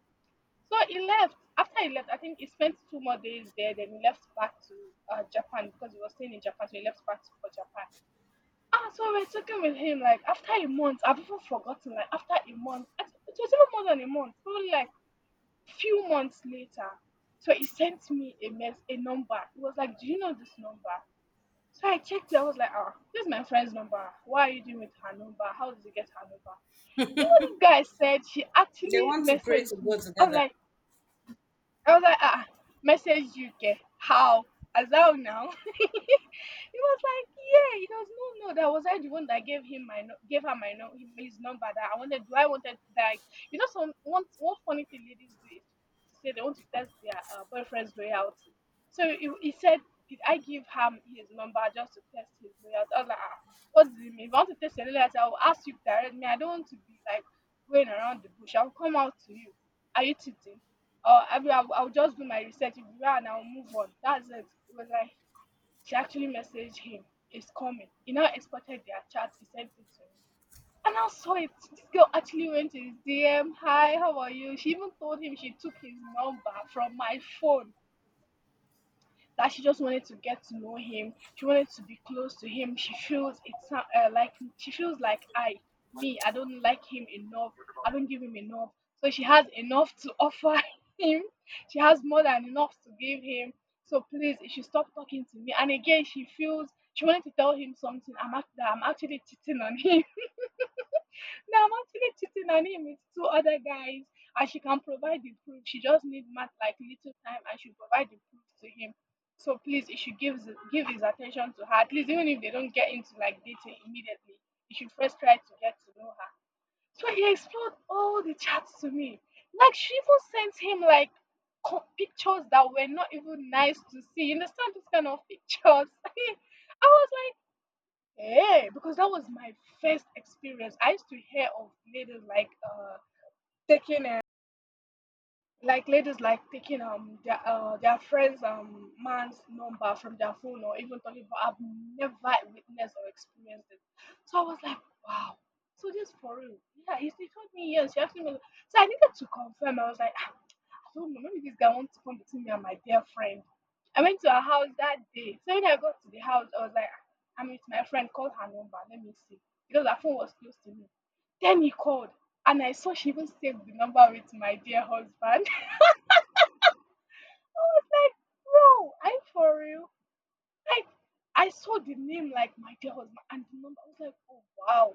So he left. After he left, I think he spent 2 more days there. Then he left back to Japan because he was staying in Japan. So he left back to, for Japan. Ah, so we're talking with him like after a month. I've even forgotten. Like after a month, I think it was even more than a month. Probably like few months later. So he sent me a a number. He was like, "Do you know this number?" So I checked it. I was like, "Ah, this is my friend's number. Why are you doing with her number? How did you get her number?" You know, this guy said she They actually want to pray to messaged God me. I'm together. like, I was like, ah, message UK. How? As well now. [laughs] He was like, yeah. He goes, no, no. That was I the one that gave him gave her his number that I wanted. Do I wanted like You know, some one one funny thing ladies do is to say they want to test their boyfriend's loyalty. So he said, did I give him his number just to test his loyalty? I was like, ah, what do you mean? If I want to test your loyalty, I will ask you directly. I don't want to be like going around the bush. I'll come out to you. Are you cheating? Or I mean, I'll just do my research if you are, and I'll move on. That's it. It was like she actually messaged him, "It's coming." He now exported their chat. He sent it to me. And I saw it. This girl actually went to his DM. Hi, how are you? She even told him she took his number from my phone, that she just wanted to get to know him. She wanted to be close to him. She feels it's like she feels like me, I don't like him enough. I don't give him enough. So she has enough to [laughs] offer him. She has more than enough to give him. So please, you should stop talking to me. And again, she feels she wanted to tell him something. That I'm actually cheating on him. Now I'm actually cheating on him with 2 other guys, and she can provide the proof. She just needs mat like little time, and she'll provide the proof to him. So please, he should give his attention to her. At least, even if they don't get into like dating immediately, he should first try to get to know her. So he explored all the chats to me. Like she even sent him like pictures that were not even nice to see. You understand those kind of pictures? [laughs] I was like. Yeah, because that was my first experience. I used to hear of ladies like taking like ladies like taking their friends man's number from their phone or even talking, but I've never witnessed or experienced it. So I was like, wow. So this for real. Yeah, he told me yes, she asked me, so I needed to confirm. I was like, "Ah, so maybe this guy wants to come between me and my dear friend." I went to her house that day. So when I got to the house, I was like, "Ah, I'm with my friend, call her number, let me see." Because her phone was close to me. Then he called, and I saw she even saved the number with "my dear husband." [laughs] I was like, bro, are you for real? Like, I saw the name like my dear husband and the number. I was like, oh wow.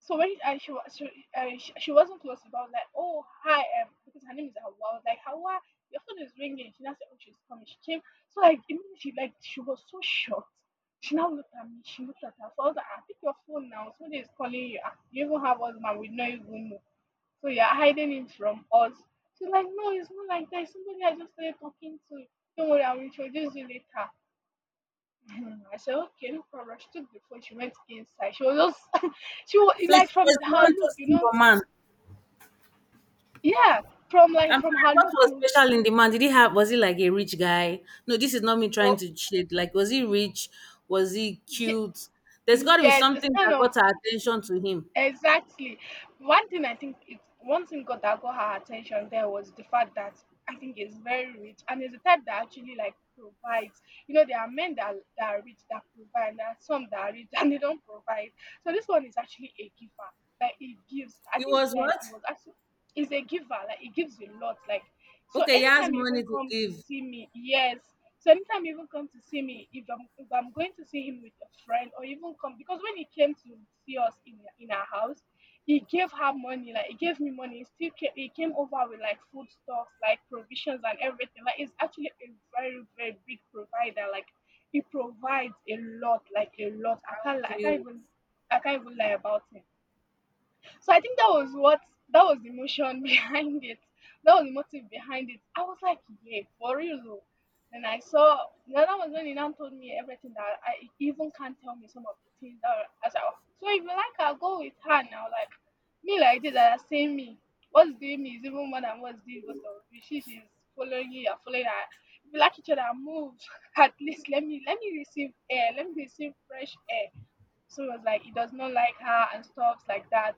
So when and she was she wasn't close, about like, oh hi, because her name is Hawa. I was like, Hawa, your phone is ringing. She now said, oh she's coming. She came. So like immediately, she, like she was so shocked. She now looked at me. She looked at her phone. I was like, ah, pick your phone now. Somebody is calling you. Ah, you even have us, man. We know. You even know. So you're hiding it from us. She's like, no, it's not like that. It's somebody I just started talking to. Don't worry, I'll introduce you later. [laughs] And I said, okay, no problem. She took the phone, she went inside. She was just, [laughs] she was So she like was from the her one look, you toasting know, your man. yeah, from like I'm from sorry, her what look, was you special in the man? Did he have was he like a rich guy? No, this is not me trying know, to cheat. Like, was he rich? Was he ye- cute? There's gotta be yes, it's something kind that of. got her attention to him. Exactly. One thing I think it, one thing got that got her attention there was the fact that I think is very rich, and it's the type that actually like provides. You know, there are men that are rich that provide, and there are some that are rich [laughs] and they don't provide. So this one is actually a giver. Like it gives. I He think was then what? it was actually is a giver. Like it gives a lot. Like so Okay, he has anytime you money even to come to give. see me, yes, so anytime he even come to see me, if I'm going to see him with a friend or even come, because when he came to see us in our house, he gave her money, like he gave me money. He still came, he came over with like food stocks, like provisions and everything. Like he's actually a very very big provider. Like he provides a lot, like a lot. How cute. I can't even lie about him. So I think that was what that was the motion [laughs] behind it. That was the motive behind it. I was like, yeah, for real. Oh." Then I saw now that was when he now told me everything that I he even can't tell me some of the things that I was like, "Oh, so if you like I go with her now. Like me like this that are saying me. What's doing me is even more than what's doing both of you. She's following you, you're following her. If you like each other, move." [laughs] At least let me receive air. Let me receive fresh air. So it was like, he does not like her and stuffs like that.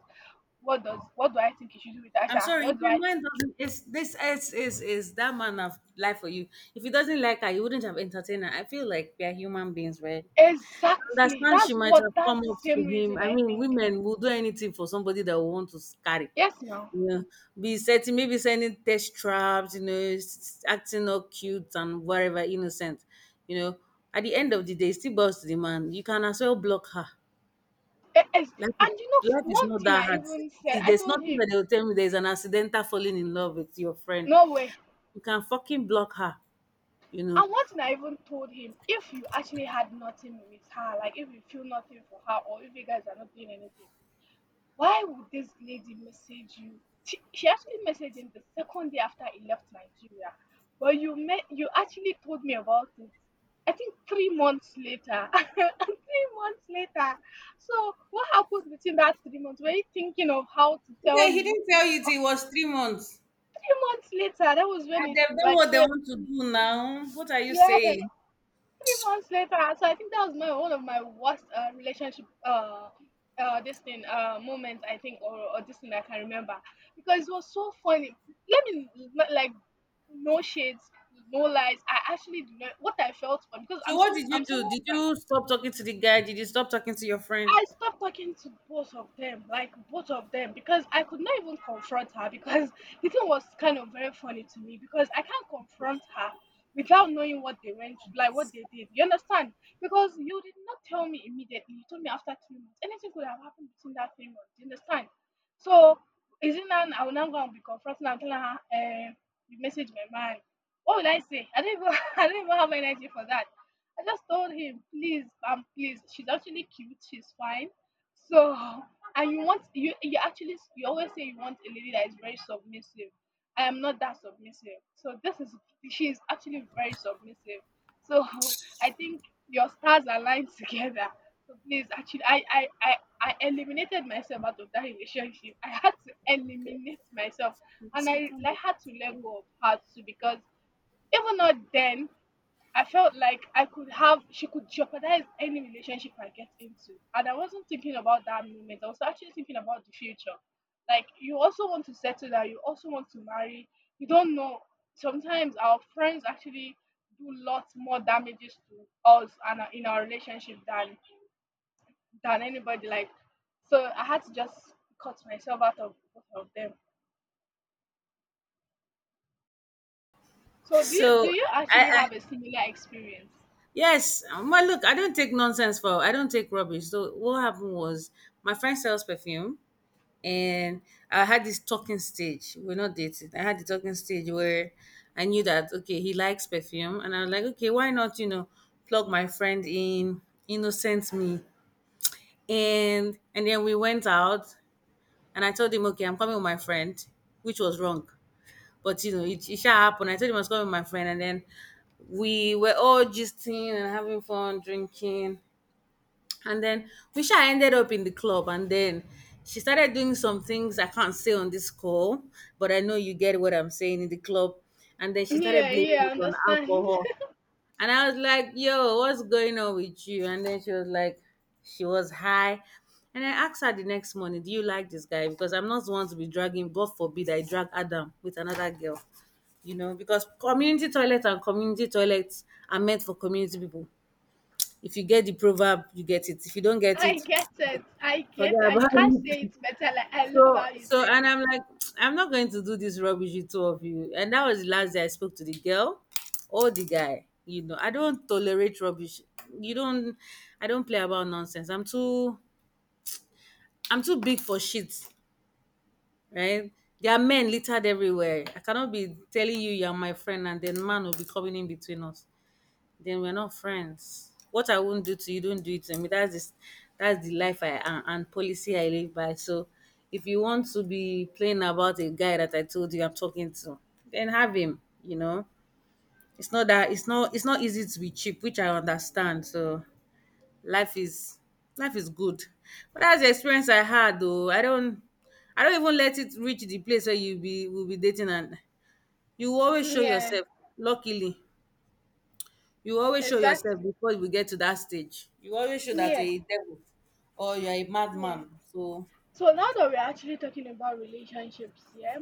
What does what do I think he should do with I'm Asha? sorry, if What do your I man think? doesn't is this is that man of life for you. If he doesn't like her, you wouldn't have entertained her. I feel like we are human beings, right? Exactly. Understand she That's might what have come that's the up to same him. reason I I mean, think. women will do anything for somebody that will want to carry. Yes now. You know, be setting maybe sending test traps, you know, s- acting all cute and whatever, innocent. You know, at the end of the day, it still boils to the man. You can as well block her. Yes. Life is, And you know life is one not thing that I hard. even said, See, I there's told nothing that him, they'll tell me there's an accidental falling in love with your friend. no way. You can fucking block her, you know. And one thing I even told him, if you actually had nothing with her, like if you feel nothing for her or if you guys are not doing anything, why would this lady message you? She actually messaged him the second day after he left Nigeria. But you met, you actually told me about it. I think 3 months later. [laughs] 3 months later. So what happened between that 3 months? Were you thinking of how to tell Okay, he me? didn't tell you till it was 3 months. 3 months later, that was Ah, when it's they've done like what they so. want to do now. What are you Yeah. saying? 3 months later. So I think that was my one of my worst relationship this thing moment I think, or this thing I can remember, because it was so funny. Like, no shades, no lies. I actually do not what I felt for because So what did I'm you do? someone Did that you stop talking to the guy? Did you stop talking to your friend? I stopped talking to both of them, like both of them, because I could not even confront her, because [laughs] the thing was kind of very funny to me, because I can't confront her without knowing what they went through, like what they did. You understand? Because you did not tell me immediately. You told me after 3 months. Anything could have happened between that 3 months. You understand? So is it now I will now go and be confronting her and telling her, eh, you message my man. What will I say? I don't even [laughs] I don't even have energy for that. I just told him, please, please. She's actually cute. She's fine. So, and you want you actually you always say you want a lady that is very submissive. I am not that submissive. So this is she is actually very submissive. So I think your stars aligned [laughs] together. So please, actually, I eliminated myself out of that relationship. I had to eliminate myself, and I like had to let go of her too, because even not then I felt like I could have, she could jeopardize any relationship I get into. And I wasn't thinking about that moment. I was actually thinking about the future. Like, you also want to settle down, you also want to marry. You don't know. Sometimes our friends actually do lots more damages to us and in our relationship than anybody. Like, so I had to just cut myself out of both of them. So do So you I, actually I have a similar experience? yes. Well, look, I don't take nonsense for. I don't take rubbish. So what happened was my friend sells perfume, and I had this talking stage. We're not dating. I had the talking stage where I knew that okay, he likes perfume, and I was like, okay, why not? You know, plug my friend in, innocent me, and then we went out. And I told him, okay, I'm coming with my friend, which was wrong. But you know, it shall happen. I told him I was coming with my friend, and then we were all gisting and having fun, drinking. And then we sha ended up in the club, and then she started doing some things I can't say on this call, but I know you get what I'm saying in the club. And then she started Yeah, blaming yeah, I it on understand. alcohol. And I was like, yo, what's going on with you? And then she was like, she was high. And I asked her the next morning, do you like this guy? Because I'm not the one to be dragging, God forbid I drag Adam with another girl. You know, because community toilet and community toilets are meant for community people. If you get the proverb, you get it. If you don't get I it, get it. I get forget it. And you about can't say it. it better. Like, I love So how you so said and it. I'm like, [tsk] I'm not going to do this rubbish with two of you. And that was the last day I spoke to the girl or the guy. You know, I don't tolerate rubbish. You don't I don't play about nonsense. I'm too big for shit, right? There are men littered everywhere. I cannot be telling you you're my friend and then man will be coming in between us. Then we're not friends. What I won't do to you, don't do it to me. That's the life I am and policy I live by. So if you want to be playing about a guy that I told you I'm talking to, then have him, you know. It's not that it's not easy to be cheap, which I understand. So life is life is good. But that's the experience I had though. I don't even let it reach the place where you be will be dating and you always show Yeah, yourself, luckily. You always show yourself exactly. before we get to that stage. You always show that Yeah, you're a devil or you're a yeah. madman. So So now that we're actually talking about relationships, yeah,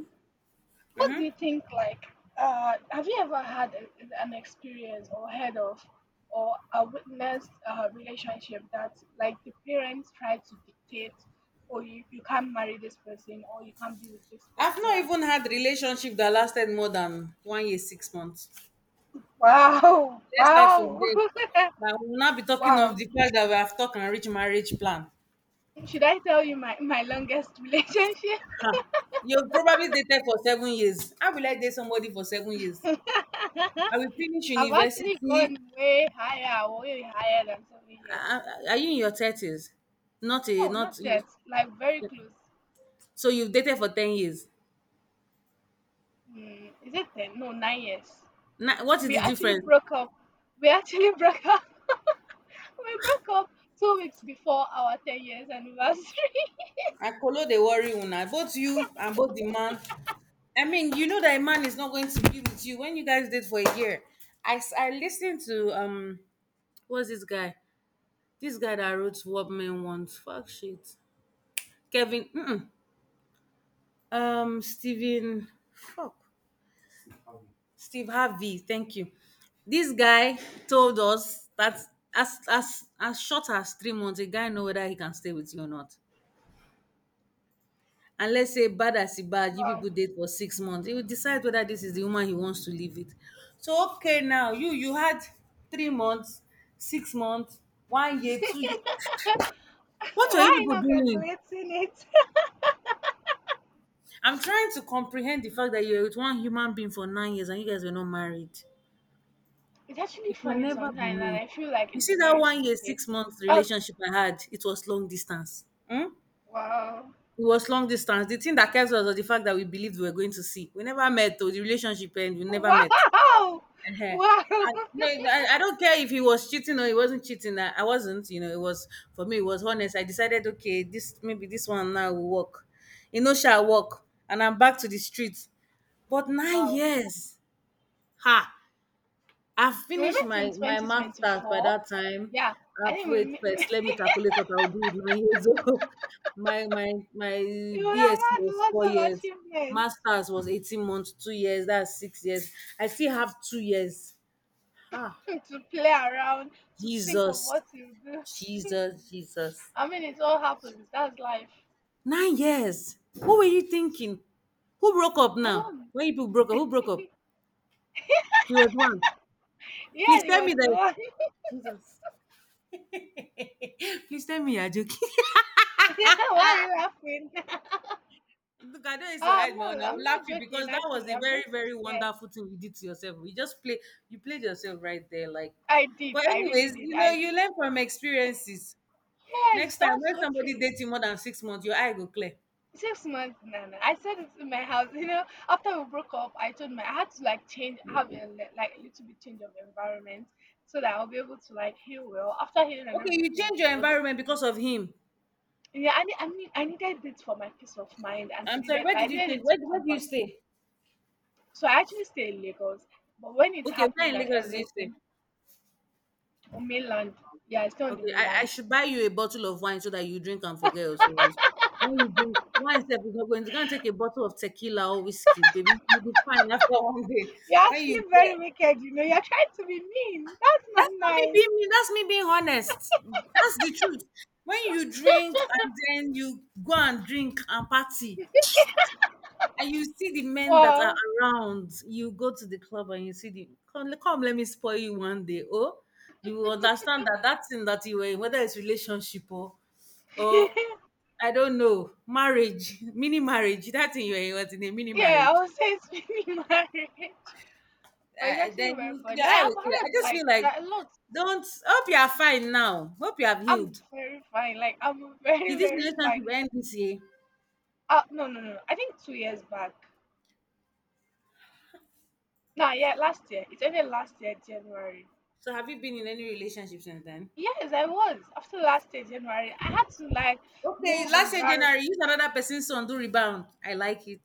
what do you think? Like, have you ever had a, an experience or heard of or a witnessed a relationship that like the parents try to dictate, or you can't marry this person, or you can't be with this I've not person? even had relationship that lasted more than one year, 6 months. Wow, [laughs] Let's start from wow, there. Now we'll not be [laughs] talking of wow. the fact that we have talked and reached marriage plan. Should I tell you my, my longest [laughs] relationship? You've probably dated for 7 years. How will I date somebody for 7 years? I will finish I've actually university. gone way higher than 7 years. Are you in your thirties? Not a No, not. not yet. Like very close. So you've dated for 10 years. Mm, is it ten? No, 9 years. Now, what is We the actually difference? broke up. We actually [laughs] broke up. [laughs] We broke up 2 weeks before our 10 years anniversary. [laughs] Akolo dey worry una. Both you and both the man. I mean, you know that a man is not going to be with you when you guys date for a year. I listened to what's this guy? This guy that wrote What Men Want. Fuck shit. Kevin. Mm-mm. Stephen. Fuck. Steve Harvey. Thank you. This guy told us that as short as 3 months, a guy know whether he can stay with you or not. And let's say bad as e bad you Wow. people date for 6 months, he will decide whether this is the woman he wants to live with. So okay, now you had 3 months, 6 months, one year, 2 years. [laughs] What are you Why people not doing? calculating it? I'm trying to comprehend the fact that you're with one human being for 9 years and you guys were not married. It's actually It can funny never be sometimes, and me. I feel like You it's see that very one year, stupid. 6 month Oh, relationship I had, it was long distance. Hmm? wow. It was long distance. The thing that kept us was the fact that we believed we were going to see. We never met, though. The relationship end, we [laughs] never Wow! met. Wow! Eh-heh. I, [laughs] Wow! no, I don't care if he was cheating or he wasn't cheating. I wasn't, you know, it was for me, it was honest. I decided, okay, this, maybe this one now will work. You know, shall work. And I'm back to the streets. But nine Wow. years. Ha! I And we finished met my, in my master's by 2024. that time. Yeah, I I've think we, wait [laughs] we first. Let me calculate what I'll do with 9 years old. [laughs] My would have BSc had was lots four of years. achievements Masters was 18 months, 2 years, that's 6 years. I still have 2 years. Ha! [laughs] to play around, to think of Jesus, what you do. Jesus, Jesus. I mean, it all happens. That's life. 9 years. What were you thinking? Who broke up I now? don't. When you people broke up, who broke up? He was one. Yeah, Please he tell was me the that. one. [laughs] Jesus. Please tell me you're joking. Yeah, why are you laughing? [laughs] [laughs] Look, I don't used to I'm hide my own. not. I will I'm laugh not you joking. because that was Actually, a I'm very, being very sincere. wonderful thing you did to yourself. You just play, you played yourself right there. Like, I did. but I really anyways, did. you know, I. you learn from experiences. Yes, Next time, that's when so somebody true. dates you more than 6 months, your eye go clear. 6 months, no, no. I said it in my house. You know, after we broke up, I told my I had to like change, have a like a little bit change of environment, so that I'll be able to like heal well. After healing and Okay, you everything, it change your was environment because of him. yeah. I needed it for my peace of mind and for I'm sorry, where I did you needed change? it Where, to where come do you back. stay? So I actually stayed in Lagos, but when it Okay, where happened in and Lagos do you stay? everything on mainland, yeah, I stayed on the Okay, I mainland. should buy you a bottle of wine so that you drink and forget your sorrows. When you drink wine, step, you're going to go and take a bottle of tequila or whiskey, baby. You'll be fine after one day. You're When you actually very get wicked. You know, you're trying to be mean. That's not that's not me nice. being me, that's me being honest. That's the truth. When you drink and then you go and drink and party, and you see the men that are Wow. around. You go to the club and you see the come, come let me spoil you one day. Oh, you will understand that that thing that you were in, whether it's relationship or [laughs] I don't know, marriage, [laughs] mini marriage, that thing you were in was in a mini Yeah, I marriage. would say it's [laughs] mini marriage, but it's actually Then very you fun. your Like eye I've will clear. I heard just like feel like that a lot. don't hope you are fine now. Hope you have I'm healed. very fine. Like I'm [laughs] Did very this very fine. relationship end this year? No no no. No. I think 2 years back. Nah, yeah, last year. It ended last year January. So have you been in any relationship since then? Yes, I was. After last year January, I had to like Okay, move last year January, environment. use another person's son, do rebound. I like it.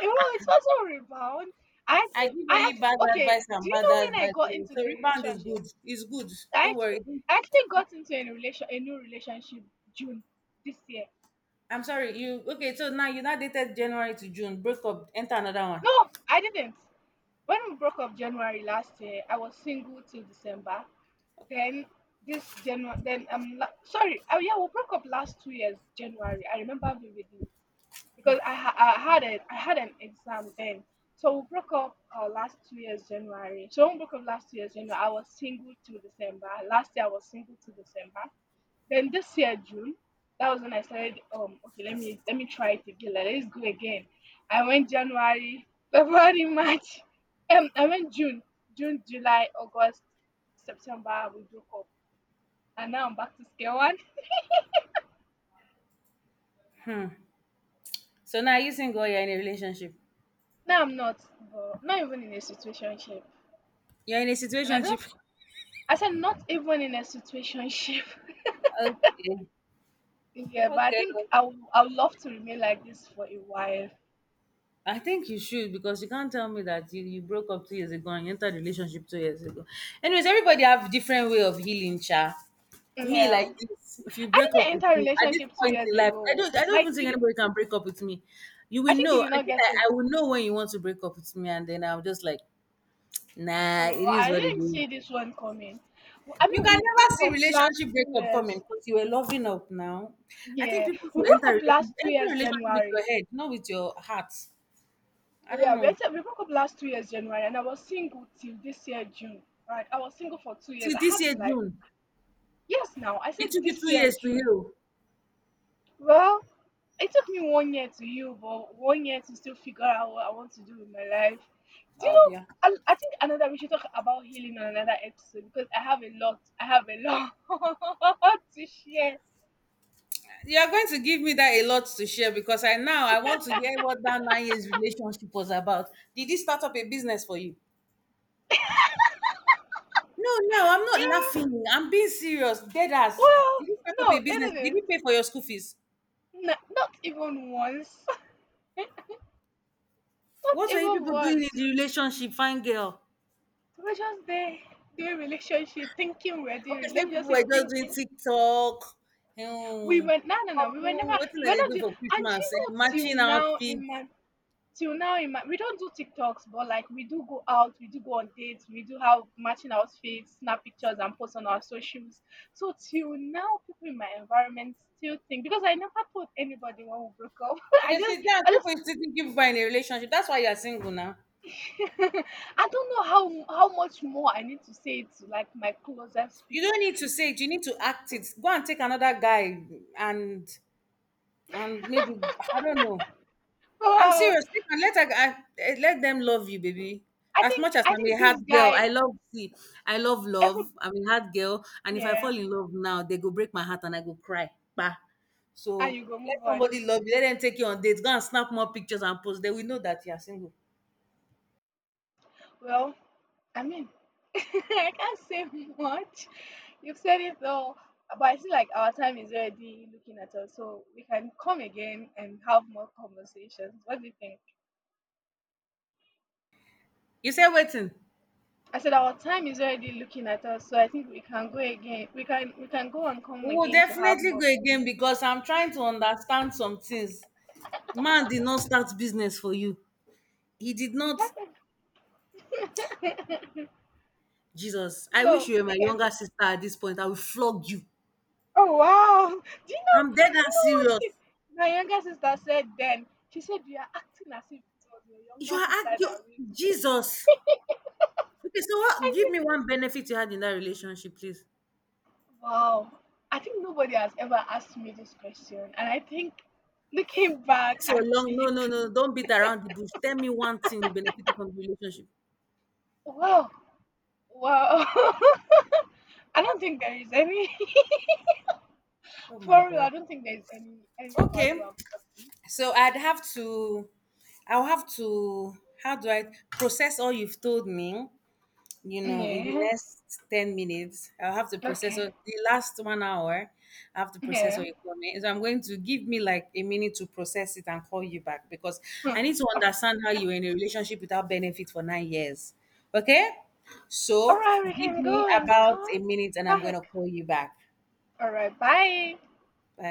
Well, it's also rebound. I actually, I give only bad okay. advice and Do you bad know when I advice got only. into So the rebound is relationship? good. It's good. I Don't actually, worry. I actually got into a new relationship June this year. I'm sorry. You okay? So now you now dated January to June. Break up. Enter another one. No, I didn't. When we broke up January last year, I was single till December. Then this January, then sorry, oh yeah, we broke up last 2 years January. I remember vividly because I, ha- I had a, I had an exam then, so we broke up last 2 years January. So when we broke up last 2 years January, I was single till December. Last year I was single till December. Then this year June, that was when I started. Okay, let me try it again. Like, let's go again. I went January, February, [laughs] March. I went June, July, August, September. We broke up, and now I'm back to scale one. So now you single. You're in a relationship. Now I'm not, but not even in a situationship. You're in a And I don't. situationship. I said not even in a situationship. Okay. [laughs] Yeah, but I Okay. think I would love to remain like this for a while. I think you should because you can't tell me that you broke up 2 years ago and you entered a relationship 2 years ago. Anyways, everybody have different way of healing, cha. Me like Yeah, this. If you I break up with didn't enter a me at this relationship two point years in life, I ago. don't I don't even think anybody can break up with me. You I will think you know. did I not think I, get it. I will know when you want to break up with me, and then I'm just like, nah, Oh, it is I what it didn't is. see this one coming. I You mean, can we never broke see up last relationship two breakup coming years. because you were loving up now. I think Yeah, people we should broke enter up last relationship two enter years relationship with your January. head, not with your heart. I don't Yeah, we know. actually, we broke up last 2 years January, and I was single till this year June. Right, I was single for 2 years. Till I this had year to like, June. yes, now I It said took you this two year years to June. heal. Well, it took me one year to heal, but one year to still figure out what I want to do with my life. Do you Oh know? yeah. I think another we should talk about healing on another episode because I have a lot. I have a lot [laughs] to share. You are going to give me that a lot to share because I now I want to hear what that 9 years relationship was about. Did it start up a business for you? No, no, I'm not Yeah, laughing. I'm being serious. Dead ass. well, Did you start up a no, business? it Did didn't. you pay for your school fees? Not even once. [laughs] Not What were you even people doing in once. the relationship, fine girl? We're just there doing relationship, thinking we're Okay, doing. so Let you me people just say, were just doing thinking TikTok, we um, went. No, no, no. We were never. couple, what did We're they not do doing. for And do Christmas? Eh, matching you know, till now in outfits. my, till now in my, we don't do TikToks, but like we do go out, we do go on dates, we do have matching outfits, snap pictures, and post on our socials. So till now, people in my environment still think because I never told anybody when we broke up. [laughs] I Okay, so just there are I just people who still think you are in a relationship. That's why you are single now. [laughs] I don't know how much more I need to say it to like my closest You people. don't need to say it. You need to act it. Go and take another guy, and and maybe I don't know. I'm Wow. serious. Take and let a, I, eh, let them love you, baby. I As much think as I I'm a think hard this girl, guy I love every love. I'm a hard girl, and if I yeah, fall in love now, they go break my heart and I go cry. Bah. and So you go let move on. somebody love you. Let them take you on dates. Go and snap more pictures and post. They will know that you are single. Well, I mean [laughs] I can't say much. You've said it all. But I feel like our time is already looking at us, so we can come again and have more conversations. What do you think? You say waiting. I said our time is already looking at us, so I think we can go again. We can go and come We will again to have definitely more. go again because I'm trying to understand some things. Man did not start business for you. He did not. [laughs] Jesus, I wish So you were my we can. younger sister at this point. I will flog you. Oh wow! [laughs] Do you I'm know? dead Do you and know serious. My younger sister said then? She said you are acting as if it was your You younger are sister act- you that raised you. Jesus. Okay, so what I give said, me one benefit you had in that relationship, please. wow! I think nobody has ever asked me this question, and I think looking back This your at long no it, no no, don't beat around the bush. Tell me one thing you benefited from the relationship. wow, wow! [laughs] I don't think there is any Oh [laughs] my for real. I god. don't think there is any value Okay. of. So I'll have to, how do I process all you've told me? You know, in the Yeah. next 10 minutes, I'll have to process all, Okay. the last one hour. I have to process Yeah. all your me. So I'm going to give me like a minute to process it and call you back because I Hmm. need to understand how you were in a relationship without benefit for 9 years. Okay? All So right, we give can me go and about come a minute and I'm going back. to call you back. All right, bye. Bye.